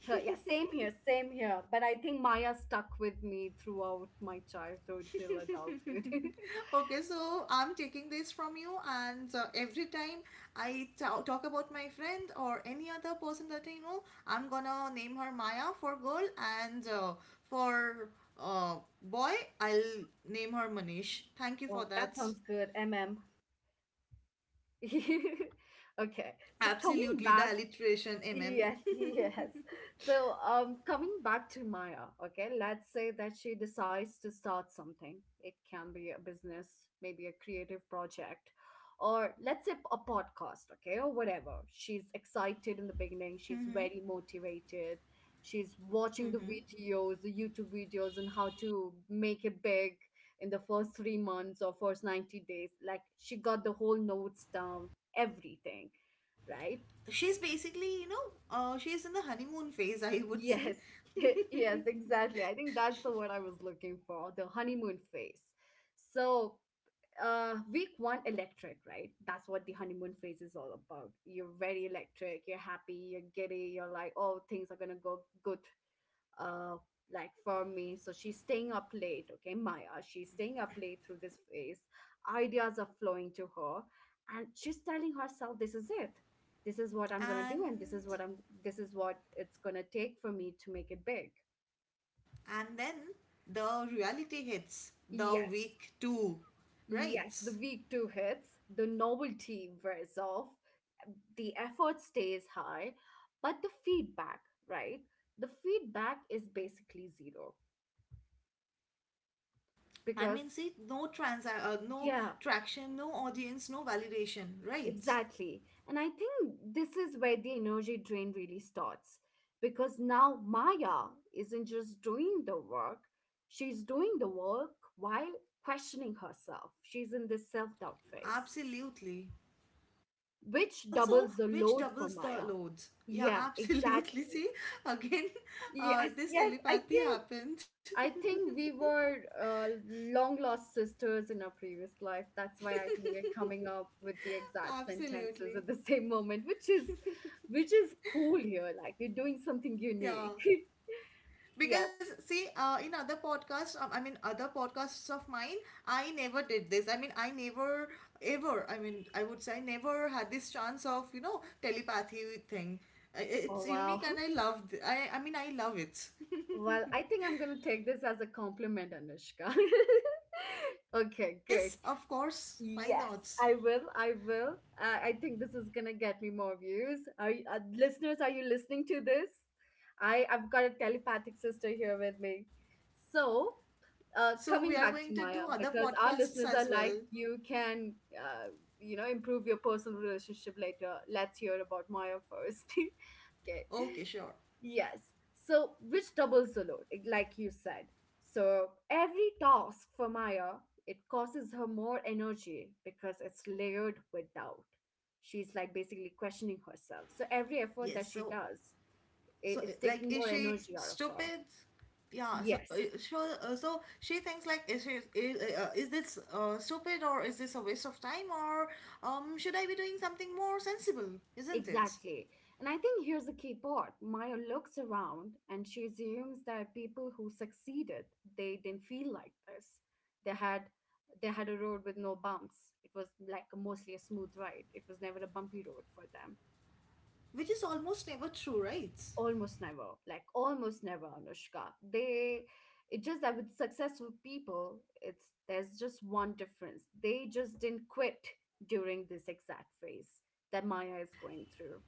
A: Her, yeah, same here, same here. But I think Maya stuck with me throughout my childhood till adulthood.
B: Okay, so I'm taking this from you, and every time I talk about my friend or any other person that I know, I'm gonna name her Maya for girl, and for uh, boy, I'll name her Manish. Thank you for
A: Well, that
B: that.
A: sounds good, M M. Okay, so coming
B: Absolutely, the
A: back.
B: alliteration, mm.
A: Yes, yes. So, coming back to Maya, okay, let's say that she decides to start something. It can be a business, maybe a creative project, or let's say a podcast, okay, or whatever. She's excited in the beginning, she's
B: Mm-hmm,
A: very motivated. She's watching the
B: mm-hmm.
A: videos, the YouTube videos, and how to make it big in the first 3 months or first 90 days. Like, she got the whole notes down, everything, right?
B: She's basically, you know, she's in the honeymoon phase, I would say.
A: Yes, yes, exactly. I think that's the word I was looking for, the honeymoon phase. So, week one, electric, right? That's what the honeymoon phase is all about. You're very electric, you're happy, you're giddy, you're like, oh, things are gonna go good, uh, like for me. So she's staying up late, okay, Maya, she's staying up late through this phase. Ideas are flowing to her and she's telling herself this is it. This is what I'm gonna
B: and
A: do, and this is what it's gonna take for me to make it big.
B: and then the reality hits the
A: Yes,
B: week two,
A: yes,
B: right?
A: the week two hits. The novelty wears off, the effort stays high, but the feedback, right, the feedback is basically zero.
B: I
A: Because
B: mean, see, no trans no
A: yeah.
B: traction, no audience, no validation, right?
A: Exactly. And I think this is where the energy drain really starts, because now Maya isn't just doing the work, she's doing the work while questioning herself. She's in this self doubt phase,
B: Absolutely.
A: which
B: Also
A: doubles the
B: which
A: load for
B: doubles the
A: Maya.
B: loads, yeah.
A: Yeah,
B: Absolutely,
A: exactly.
B: see, again,
A: Yes,
B: this
A: yes.
B: telepathy happened.
A: I think we were long lost sisters in our previous life. That's why I think we're coming up with the exact sentences at
B: Absolutely,
A: the same moment, which is cool here. Like we're doing something
B: yeah.
A: unique.
B: Because
A: Yes.
B: see, in other podcasts, I mean, other podcasts of mine, I never did this, I mean, I never ever, I mean, I would say, I never had this chance of, you know, telepathy thing.
A: Oh
B: It's
A: wow.
B: unique and I mean, I love it.
A: Well, I think I'm gonna take this as a compliment, Anushka. Okay, great.
B: Yes, of course, why
A: Yes,
B: not?
A: I will. I will. I think this is gonna get me more views. Are you, listeners? Are you listening to this? I've got a telepathic sister here with me. So,
B: So we are
A: coming
B: going
A: back
B: to
A: to
B: do
A: Maya,
B: other
A: because our
B: podcasts
A: listeners
B: as
A: are
B: well.
A: like, you can, improve your personal relationship later. Let's hear about Maya first. Okay.
B: Okay, sure.
A: Yes. So, which doubles the load, like you said. So, every task for Maya, it causes her more energy because it's layered with doubt. She's like basically questioning herself. So, every effort
B: Yes.
A: that she
B: So,
A: does,
B: so
A: it's
B: like,
A: taking
B: is
A: more
B: she
A: energy out of her.
B: stupid? Yeah,
A: Yes.
B: so, so she thinks, like, is she, is this stupid, or is this a waste of time, or should I be doing something more sensible, isn't it?
A: Exactly. And I think here's the key part. Maya looks around and she assumes that people who succeeded, they didn't feel like this. They had they had a road with no bumps. It was like mostly a smooth ride. It was never a bumpy road for them.
B: Which is almost never true, right?
A: Almost never. Like almost never, Anushka. They it's just that with successful people, it's there's just one difference. They just didn't quit during this exact phase that Maya is going through.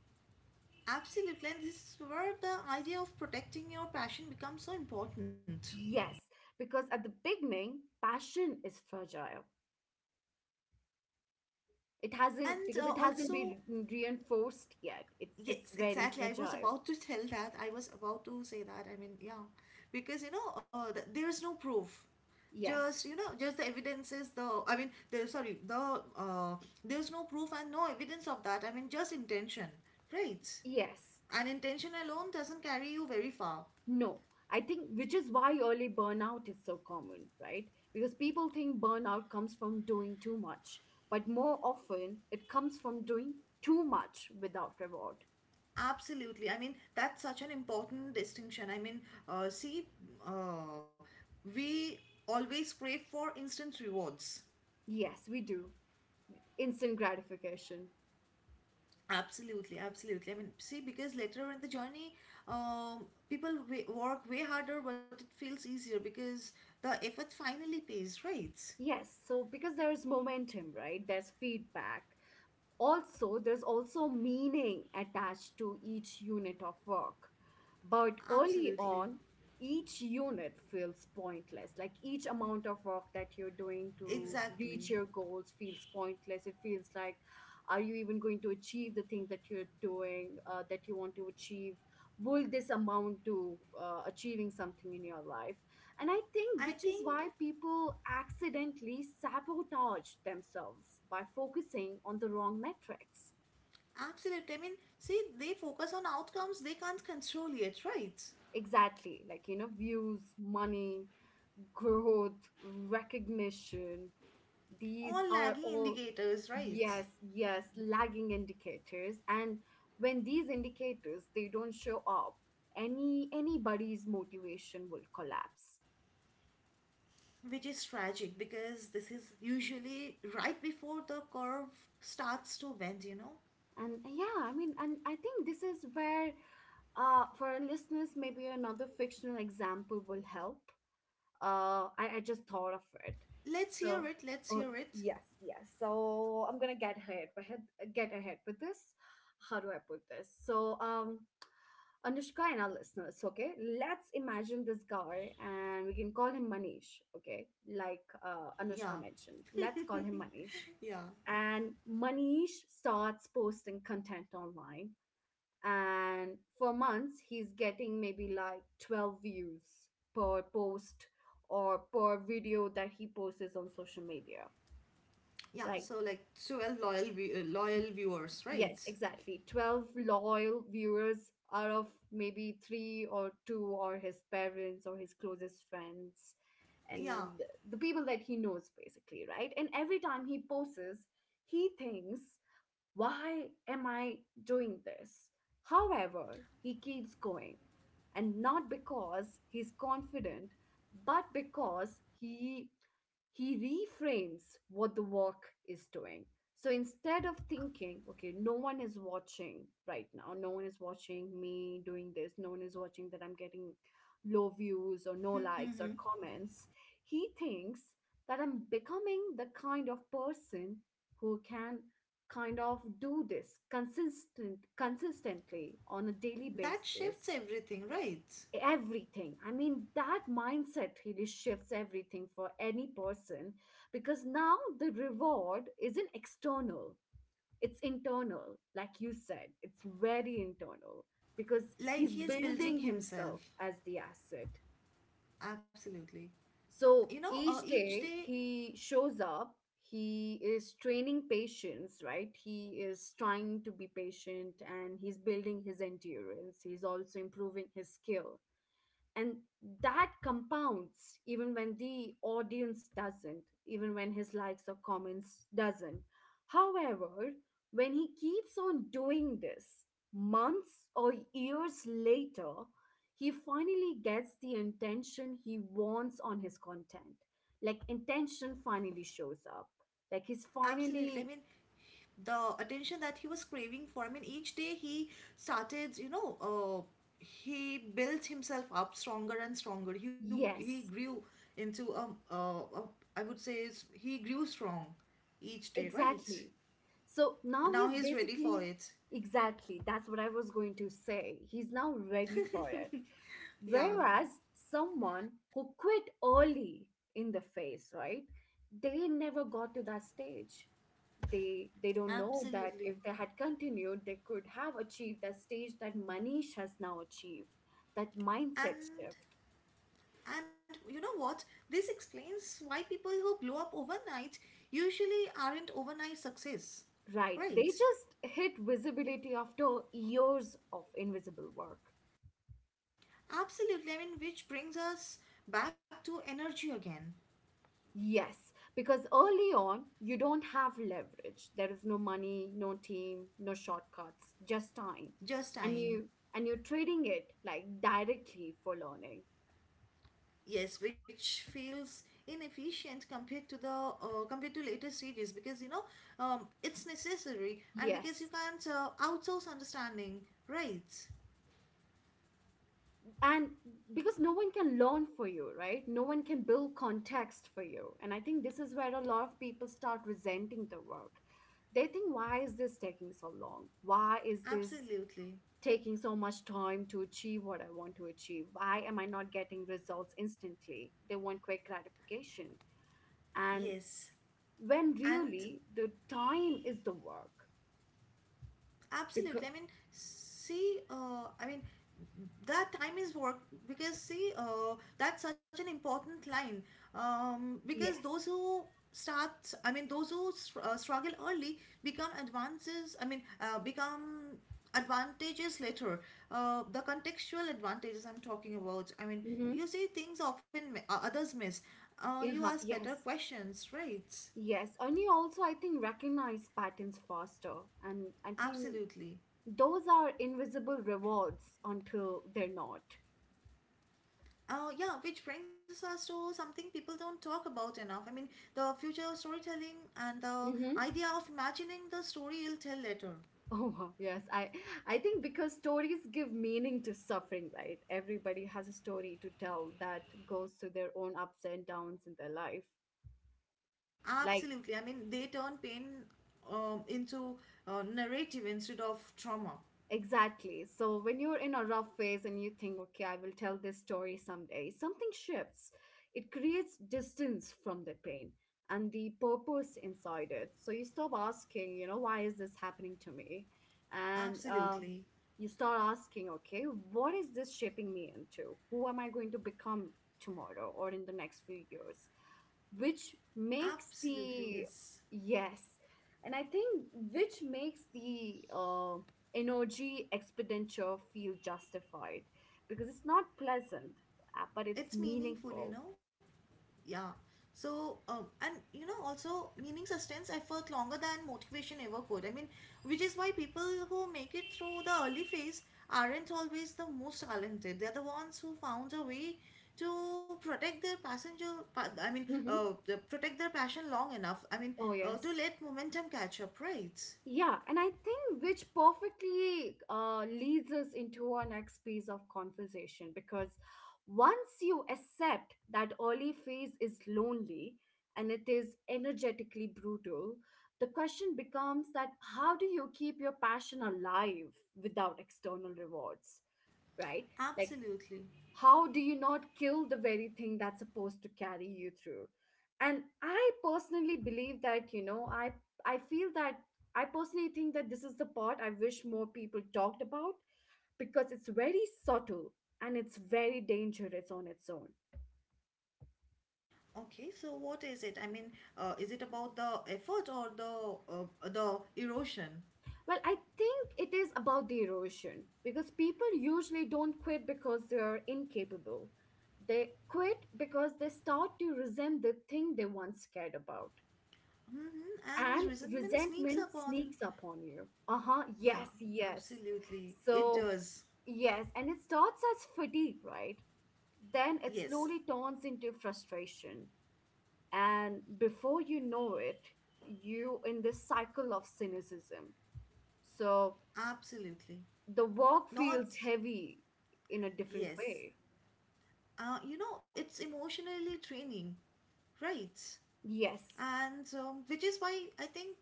B: Absolutely. And this is where the idea of protecting your passion becomes so important.
A: Yes, because at the beginning, passion is fragile. It hasn't
B: And also,
A: been reinforced yet. It's
B: yes,
A: very
B: exactly. I was
A: fragile.
B: about to tell that. I was about to say that. I mean, yeah, because you know, there's no proof.
A: Yes.
B: Just, you know, just the evidence is the. I mean, there. Sorry, the. There's no proof and no evidence of that. I mean, just intention, right?
A: Yes.
B: And intention alone doesn't carry you very far.
A: No. I think which is why early burnout is so common, right? Because people think burnout comes from doing too much, but more often it comes from doing too much without reward.
B: Absolutely. I mean, that's such an important distinction. I mean, see, uh, we always crave for instant rewards.
A: Yes, we do. Instant gratification.
B: Absolutely, absolutely. I mean, see, because later on in the journey, people work way harder, but it feels easier because the effort finally pays, right?
A: Yes, so because there's momentum, right? There's feedback, also there's also meaning attached to each unit of work. But early
B: Absolutely,
A: on, each unit feels pointless, like each amount of work that you're doing to
B: exactly.
A: reach your goals feels pointless. It feels like, are you even going to achieve the thing that you're doing, that you want to achieve? Will this amount to achieving something in your life? And I
B: I
A: think which is
B: think,
A: why people accidentally sabotage themselves by focusing on the wrong metrics.
B: absolutely. I mean, see, they focus on outcomes they can't control yet, right?
A: Exactly, like, you know, views, money, growth, recognition. These
B: All
A: are
B: lagging
A: all,
B: indicators, right?
A: yes, yes, lagging indicators. And when these indicators, they don't show up, anybody's motivation will collapse.
B: Which is tragic, because this is usually right before the curve starts to bend, you know?
A: And yeah, I mean, and I think this is where, for our listeners, maybe another fictional example will help. I just thought of it.
B: Let's hear
A: So,
B: it, let's
A: oh
B: hear it.
A: yes, yes. So I'm gonna get ahead, but get ahead with this. How do I put this? So, Anushka and our listeners, okay? Let's imagine this guy and we can call him Manish, okay? Like Anushka
B: Yeah,
A: mentioned. Let's call him Manish.
B: yeah.
A: And Manish starts posting content online, and for months he's getting maybe like 12 views per post or per video that he posts on social media,
B: Yeah,
A: right?
B: so like 12 loyal loyal viewers, right?
A: Yes, exactly, 12 loyal viewers out of maybe 3 or 2, or his parents or his closest friends,
B: Yeah.
A: and the people that he knows basically, right? And every time he posts, he thinks, why am I doing this? However, he keeps going. And not because he's confident, but because he reframes what the work is doing. So instead of thinking, okay, no one is watching right now, no one is watching me doing this, no one is watching that I'm getting low views or no
B: Hmm.
A: likes or comments, he thinks that I'm becoming the kind of person who can kind of do this consistently on a daily
B: That shifts
A: basis.
B: everything, right?
A: Everything, I mean that mindset really shifts everything for any person, because now the reward isn't external, it's internal, like you said, it's very internal, because
B: Like,
A: he's
B: he is
A: building
B: building
A: himself
B: himself.
A: as the asset.
B: Absolutely. You
A: So
B: know,
A: each
B: each
A: day
B: day,
A: he shows up, he is training patience, right? He is trying to be patient, and he's building his endurance, he's also improving his skill. And that compounds, even when the audience doesn't, even when his likes or comments doesn't. However, when he keeps on doing this, months or years later, he finally gets the intention he wants on his content. Like intention finally shows up, like he's
B: absolutely. I
A: finally
B: mean, the attention that he was craving for, I mean, each day he started, you know, he built himself up stronger and stronger. He
A: yes.
B: grew into, I would say, he grew strong each day, right?
A: Exactly. So now
B: Now
A: he's
B: he's ready for
A: basically,
B: it.
A: exactly, that's what I was going to say. He's now ready for it.
B: Yeah,
A: Whereas someone who quit early in the phase, right? They never got to that stage. They don't know that if
B: absolutely.
A: they had continued, they could have achieved that stage that Manish has now achieved, that mindset
B: and
A: shift.
B: and you know what? This explains why people who blow up overnight usually aren't overnight success.
A: Right.
B: Right.
A: They just hit visibility after years of invisible work.
B: Absolutely. I mean, which brings us back to energy again.
A: Yes, because early on, you don't have leverage. There is no money, no team, no shortcuts, just time.
B: Just
A: And
B: time.
A: you and you're trading it like directly for learning.
B: Yes, which feels inefficient compared to the compared to later stages, because you know, it's necessary, and because you
A: Yes.
B: can't outsource understanding. Right.
A: And because no one can learn for you, right? No one can build context for you. And I think this is where a lot of people start resenting the work. They think, why is this taking so long? Why is this
B: Absolutely.
A: taking so much time to achieve what I want to achieve? Why am I not getting results instantly? They want quick gratification. And
B: Yes.
A: when
B: And
A: really the time is the work. Because,
B: absolutely, I mean, see, I mean, that time is work, because see, that's such an important line, because those
A: yes.
B: who start, I mean, those who struggle early become advances, I mean, become advantages later, the contextual advantages I'm talking about. I mean,
A: Mm-hmm.
B: you see things often others miss, you
A: Yeah,
B: ask better
A: yes.
B: questions, right?
A: Yes. And you also, I think, recognize patterns faster. And I think
B: Absolutely.
A: those are invisible rewards until they're not.
B: Yeah, which brings us to something people don't talk about enough. I mean, the future storytelling and the
A: Mm-hmm.
B: idea of imagining the story you'll tell later.
A: Oh wow, yes. I think because stories give meaning to suffering, right? Everybody has a story to tell that goes through their own ups and downs in their life. Like
B: Absolutely. I mean, they turn pain into narrative instead of trauma.
A: Exactly. So when you're in a rough phase and you think, okay, I will tell this story someday, something shifts. It creates distance from the pain and the purpose inside it. So you stop asking, why is this happening to me? And
B: Absolutely.
A: you start asking, okay, what is this shaping me into? Who am I going to become tomorrow or in the next few years? Which makes
B: Absolutely,
A: the
B: yes.
A: yes. And I think which makes the energy expenditure feel justified because it's not pleasant, but it's
B: It's meaningful, you
A: meaningful.
B: know? Yeah. So, and you know, also meaning sustains effort longer than motivation ever could. I mean, which is why people who make it through the early phase aren't always the most talented. They're the ones who found a way to protect their passenger. I mean,
A: hmm
B: protect their passion long enough. I mean,
A: Oh,
B: to
A: yes.
B: let momentum catch up, right?
A: Yeah, and I think which perfectly leads us into our next piece of conversation because once you accept that early phase is lonely and it is energetically brutal, the question becomes that how do you keep your passion alive without external rewards, right? Like
B: Absolutely.
A: how do you not kill the very thing that's supposed to carry you through and I personally believe that I feel that I personally think that this is the part I wish more people talked about because it's very subtle and it's very dangerous on its own.
B: Okay, so what is it? I mean, is it about the effort or the erosion?
A: Well, I think it is about the erosion because people usually don't quit because they're incapable. They quit because they start to resent the thing they once cared about,
B: Mhm, and
A: and
B: resentment sneaks
A: resentment
B: up on.
A: sneaks up on you. Uh huh.
B: Yeah,
A: Yes, yes.
B: absolutely. It
A: So,
B: does.
A: yes, and it starts as fatigue, right? Then it
B: Yes,
A: slowly turns into frustration. And before you know it, you in this cycle of cynicism. So
B: absolutely.
A: the work feels
B: Not,
A: heavy in a different
B: yes.
A: way.
B: You know, it's emotionally draining, right?
A: Yes.
B: And which is why I think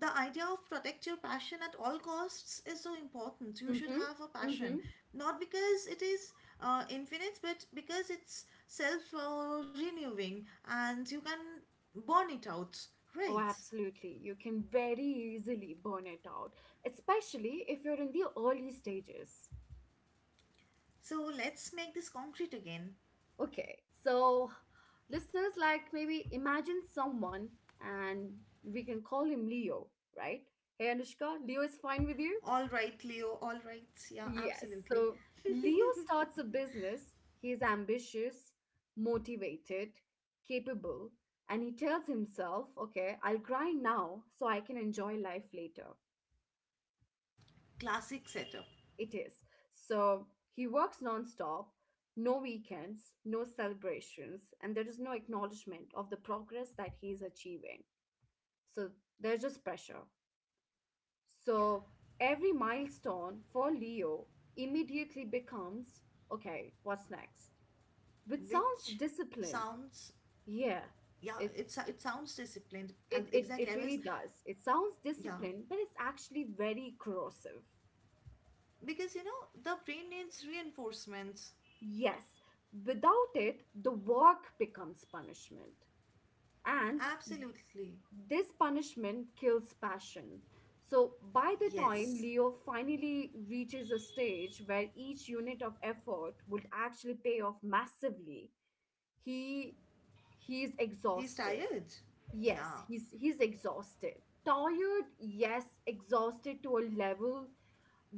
B: the idea of protect your passion at all costs is so important. You should
A: Mm-hmm.
B: have a passion,
A: Mm-hmm.
B: not because it is infinite, but because it's self renewing, and you can burn it out,
A: Oh,
B: right?
A: absolutely. You can very easily burn it out, especially if you're in the early stages.
B: So let's make this concrete again.
A: Okay, so listeners, like maybe imagine someone and we can call him Leo, right? Hey Anushka, Leo is fine with you?
B: All right, Leo. All right. Yeah,
A: Yes.
B: absolutely.
A: So Leo starts a business. He is ambitious, motivated, capable, and he tells himself, okay, I'll grind now so I can enjoy life later.
B: Classic setup,
A: It is. So he works nonstop, no weekends, no celebrations, and there is no acknowledgement of the progress that he is achieving. So there's just pressure. So every milestone for Leo immediately becomes okay, what's next? Which sounds
B: which
A: disciplined.
B: sounds,
A: Yeah,
B: yeah,
A: it,
B: it sounds disciplined.
A: it, it,
B: Exactly. I
A: it
B: was,
A: really does. It sounds
B: yeah,
A: disciplined, but it's actually very corrosive.
B: because you know the brain needs reinforcements.
A: Yes, without it, the work becomes punishment. And
B: Absolutely.
A: this punishment kills passion. So, by the time
B: Yes.
A: Leo finally reaches a stage where each unit of effort would actually pay off massively, he he's
B: He's
A: exhausted.
B: tired. Yeah.
A: Yes, he's exhausted. Tired, yes, exhausted to a level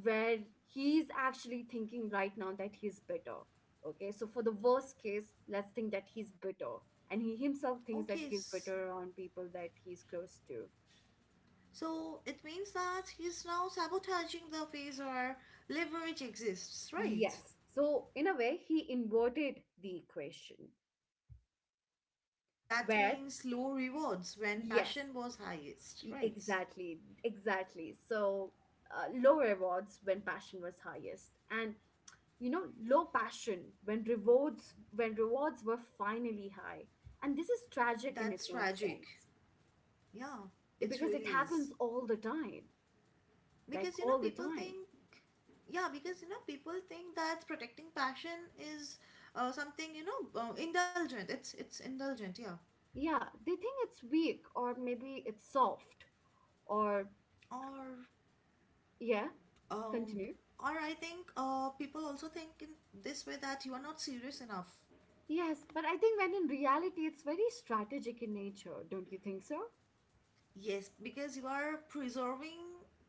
A: where he's actually thinking right now that he's bitter. Okay, so for the worst case, let's think that he's bitter. And he himself
B: Okay.
A: thinks that he's bitter around people that he's close to.
B: So it means that he's now sabotaging the phase where leverage exists, right?
A: Yes. So, in a way, he inverted the equation
B: That
A: where,
B: means low rewards when
A: yes,
B: passion was highest,
A: e-
B: right?
A: exactly, exactly. So, low rewards when passion was highest. And you know low passion when rewards were finally high, and this is tragic
B: That's
A: in its own
B: tragic.
A: sense,
B: Yeah, it
A: because it
B: really is.
A: happens all the time, like
B: Because you know,
A: all the
B: people
A: time.
B: think, yeah, because you know, people think that protecting passion is something, you know, indulgent. It's indulgent, yeah.
A: Yeah, they think it's weak or maybe it's soft or
B: Or
A: yeah
B: um,
A: continue.
B: or I think people also think in this way that you are not serious enough.
A: Yes, but I think when in reality it's very strategic in nature, don't you think so?
B: Yes, because you are preserving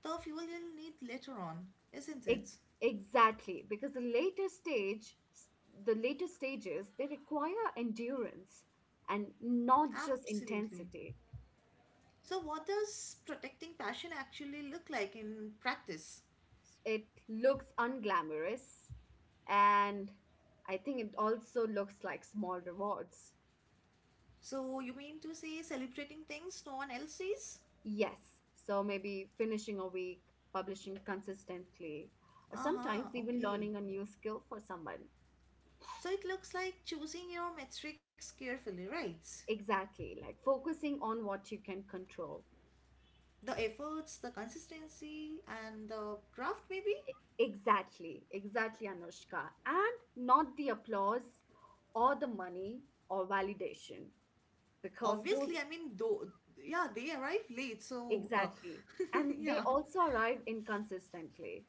B: the fuel you'll need later on, isn't
A: Ex-
B: it?
A: Exactly, because the later stages, they require endurance and not just
B: Absolutely.
A: intensity.
B: So, what does protecting passion actually look like in practice?
A: It looks unglamorous, and I think it also looks like small rewards.
B: So, you mean to say celebrating things no one else sees?
A: Yes, so maybe finishing a week, publishing consistently, or
B: Aha,
A: sometimes even
B: okay.
A: learning a new skill for someone.
B: So, it looks like choosing your metrics carefully, right?
A: Exactly, like focusing on what you can control.
B: The efforts, the consistency, and the craft, maybe?
A: Exactly, exactly, Anushka. And not the applause or the money or validation, because
B: Obviously, I
A: those,
B: mean, though, yeah, they arrive late, so,
A: exactly. And they
B: yeah.
A: also arrive inconsistently.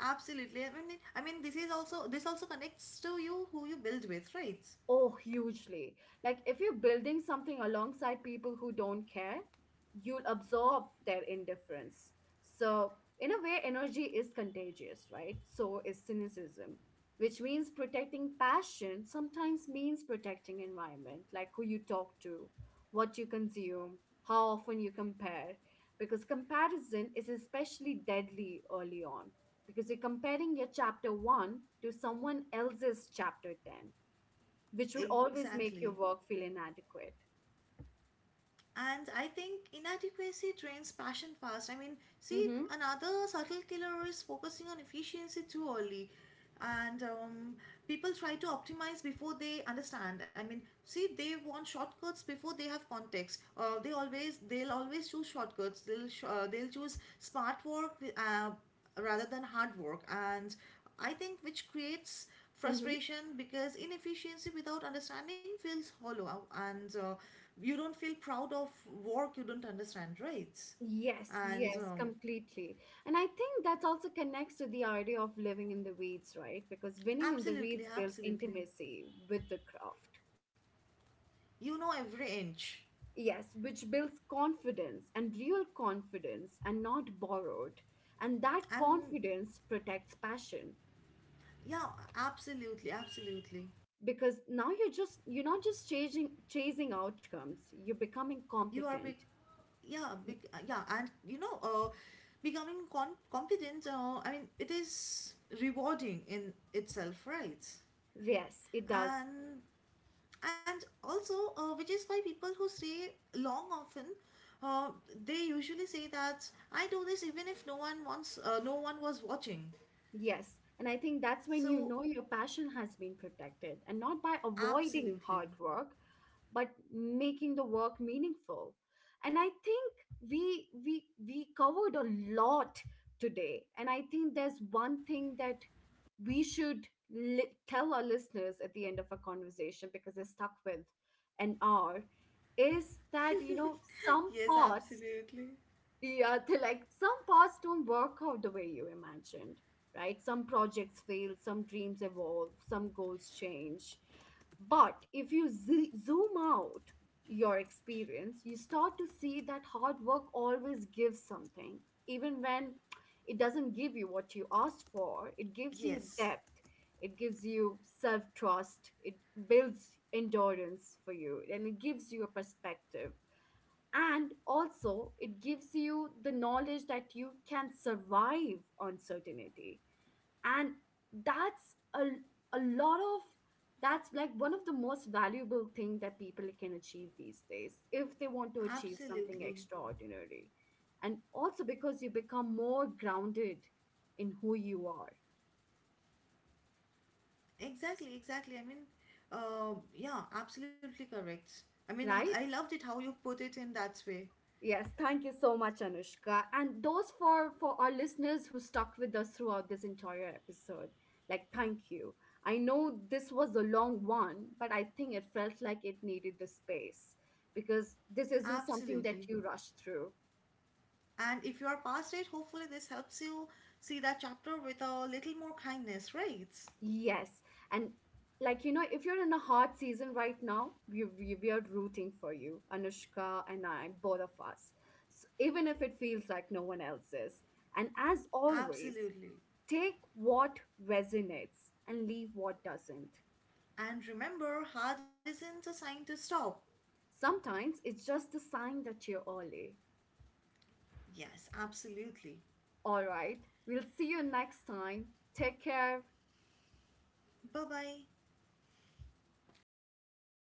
B: Absolutely. I mean, this is also this also connects to you who you build with, right?
A: Oh, hugely. Like if you're building something alongside people who don't care, you'll absorb their indifference. So, in a way, energy is contagious, right? So is cynicism, which means protecting passion sometimes means protecting environment, like who you talk to, what you consume, how often you compare, because comparison is especially deadly early on. Because you're comparing your chapter one to someone else's chapter 10, which will always
B: Exactly.
A: make your work feel inadequate.
B: And I think inadequacy drains passion fast. I mean, see,
A: Mm-hmm.
B: another subtle killer is focusing on efficiency too early. And people try to optimize before they understand. I mean, see, they want shortcuts before they have context. They always, they'll always choose shortcuts. They'll they'll choose smart work rather than hard work, and I think which creates
A: Mm-hmm.
B: frustration, because inefficiency without understanding feels hollow, and you don't feel proud of work you don't understand, right?
A: Yes,
B: And
A: yes, completely. And I think that also connects to the idea of living in the weeds, right? Because winning in the weeds
B: absolutely,
A: builds
B: absolutely,
A: intimacy with the craft.
B: you know, every inch.
A: Yes, which builds confidence and real confidence and not borrowed. And that
B: And
A: confidence protects passion
B: yeah, absolutely, absolutely,
A: because now you're not just chasing outcomes, you're becoming
B: you are big,
A: competent.
B: yeah, big.
A: Y-
B: Yeah, and you know, becoming competent, I mean, it is rewarding in itself, right?
A: Yes, it does.
B: And and also, which is why people who stay long often, uh, they usually say that I do this even if no one wants, no one was watching.
A: Yes, and I think that's when you
B: So
A: know your passion has been protected and not by avoiding hard
B: absolutely.
A: work, but making the work meaningful. And I think we covered a lot today, and I think there's one thing that we should tell our listeners at the end of our conversation because they're stuck with an hour, is that you know some
B: Yes,
A: parts
B: absolutely.
A: yeah, they like some paths don't work out the way you imagined, right? Some projects fail, some dreams evolve, some goals change. But if you zoom out your experience, you start to see that hard work always gives something, even when it doesn't give you what you asked for. It gives you
B: Yes,
A: depth, it gives you self trust, it builds endurance for you, and it gives you a perspective, and also it gives you the knowledge that you can survive uncertainty, and that's a lot of that's like one of the most valuable thing that people can achieve these days if they want to achieve something
B: absolutely.
A: extraordinary, and also because you become more grounded in who you are,
B: Exactly, exactly. I mean, yeah, absolutely correct. I mean, I
A: right?
B: loved it how you put it in that way,
A: Yes, thank you so much, Anushka. And those for our listeners who stuck with us throughout this entire episode. Like, thank you. I know this was a long one, but I think it felt like it needed the space because this isn't something
B: absolutely.
A: that you rush through.
B: And if you are past it, hopefully this helps you see that chapter with a little more kindness, right?
A: Yes. And like, you know, if you're in a hard season right now, we are rooting for you, Anushka and I, both of us, so even if it feels like no one else is. And as always,
B: Absolutely.
A: take what resonates and leave what doesn't.
B: And remember, hard isn't a sign to stop.
A: Sometimes it's just a sign that you're early.
B: Yes, absolutely.
A: All right, we'll see you next time. Take care.
B: Bye bye.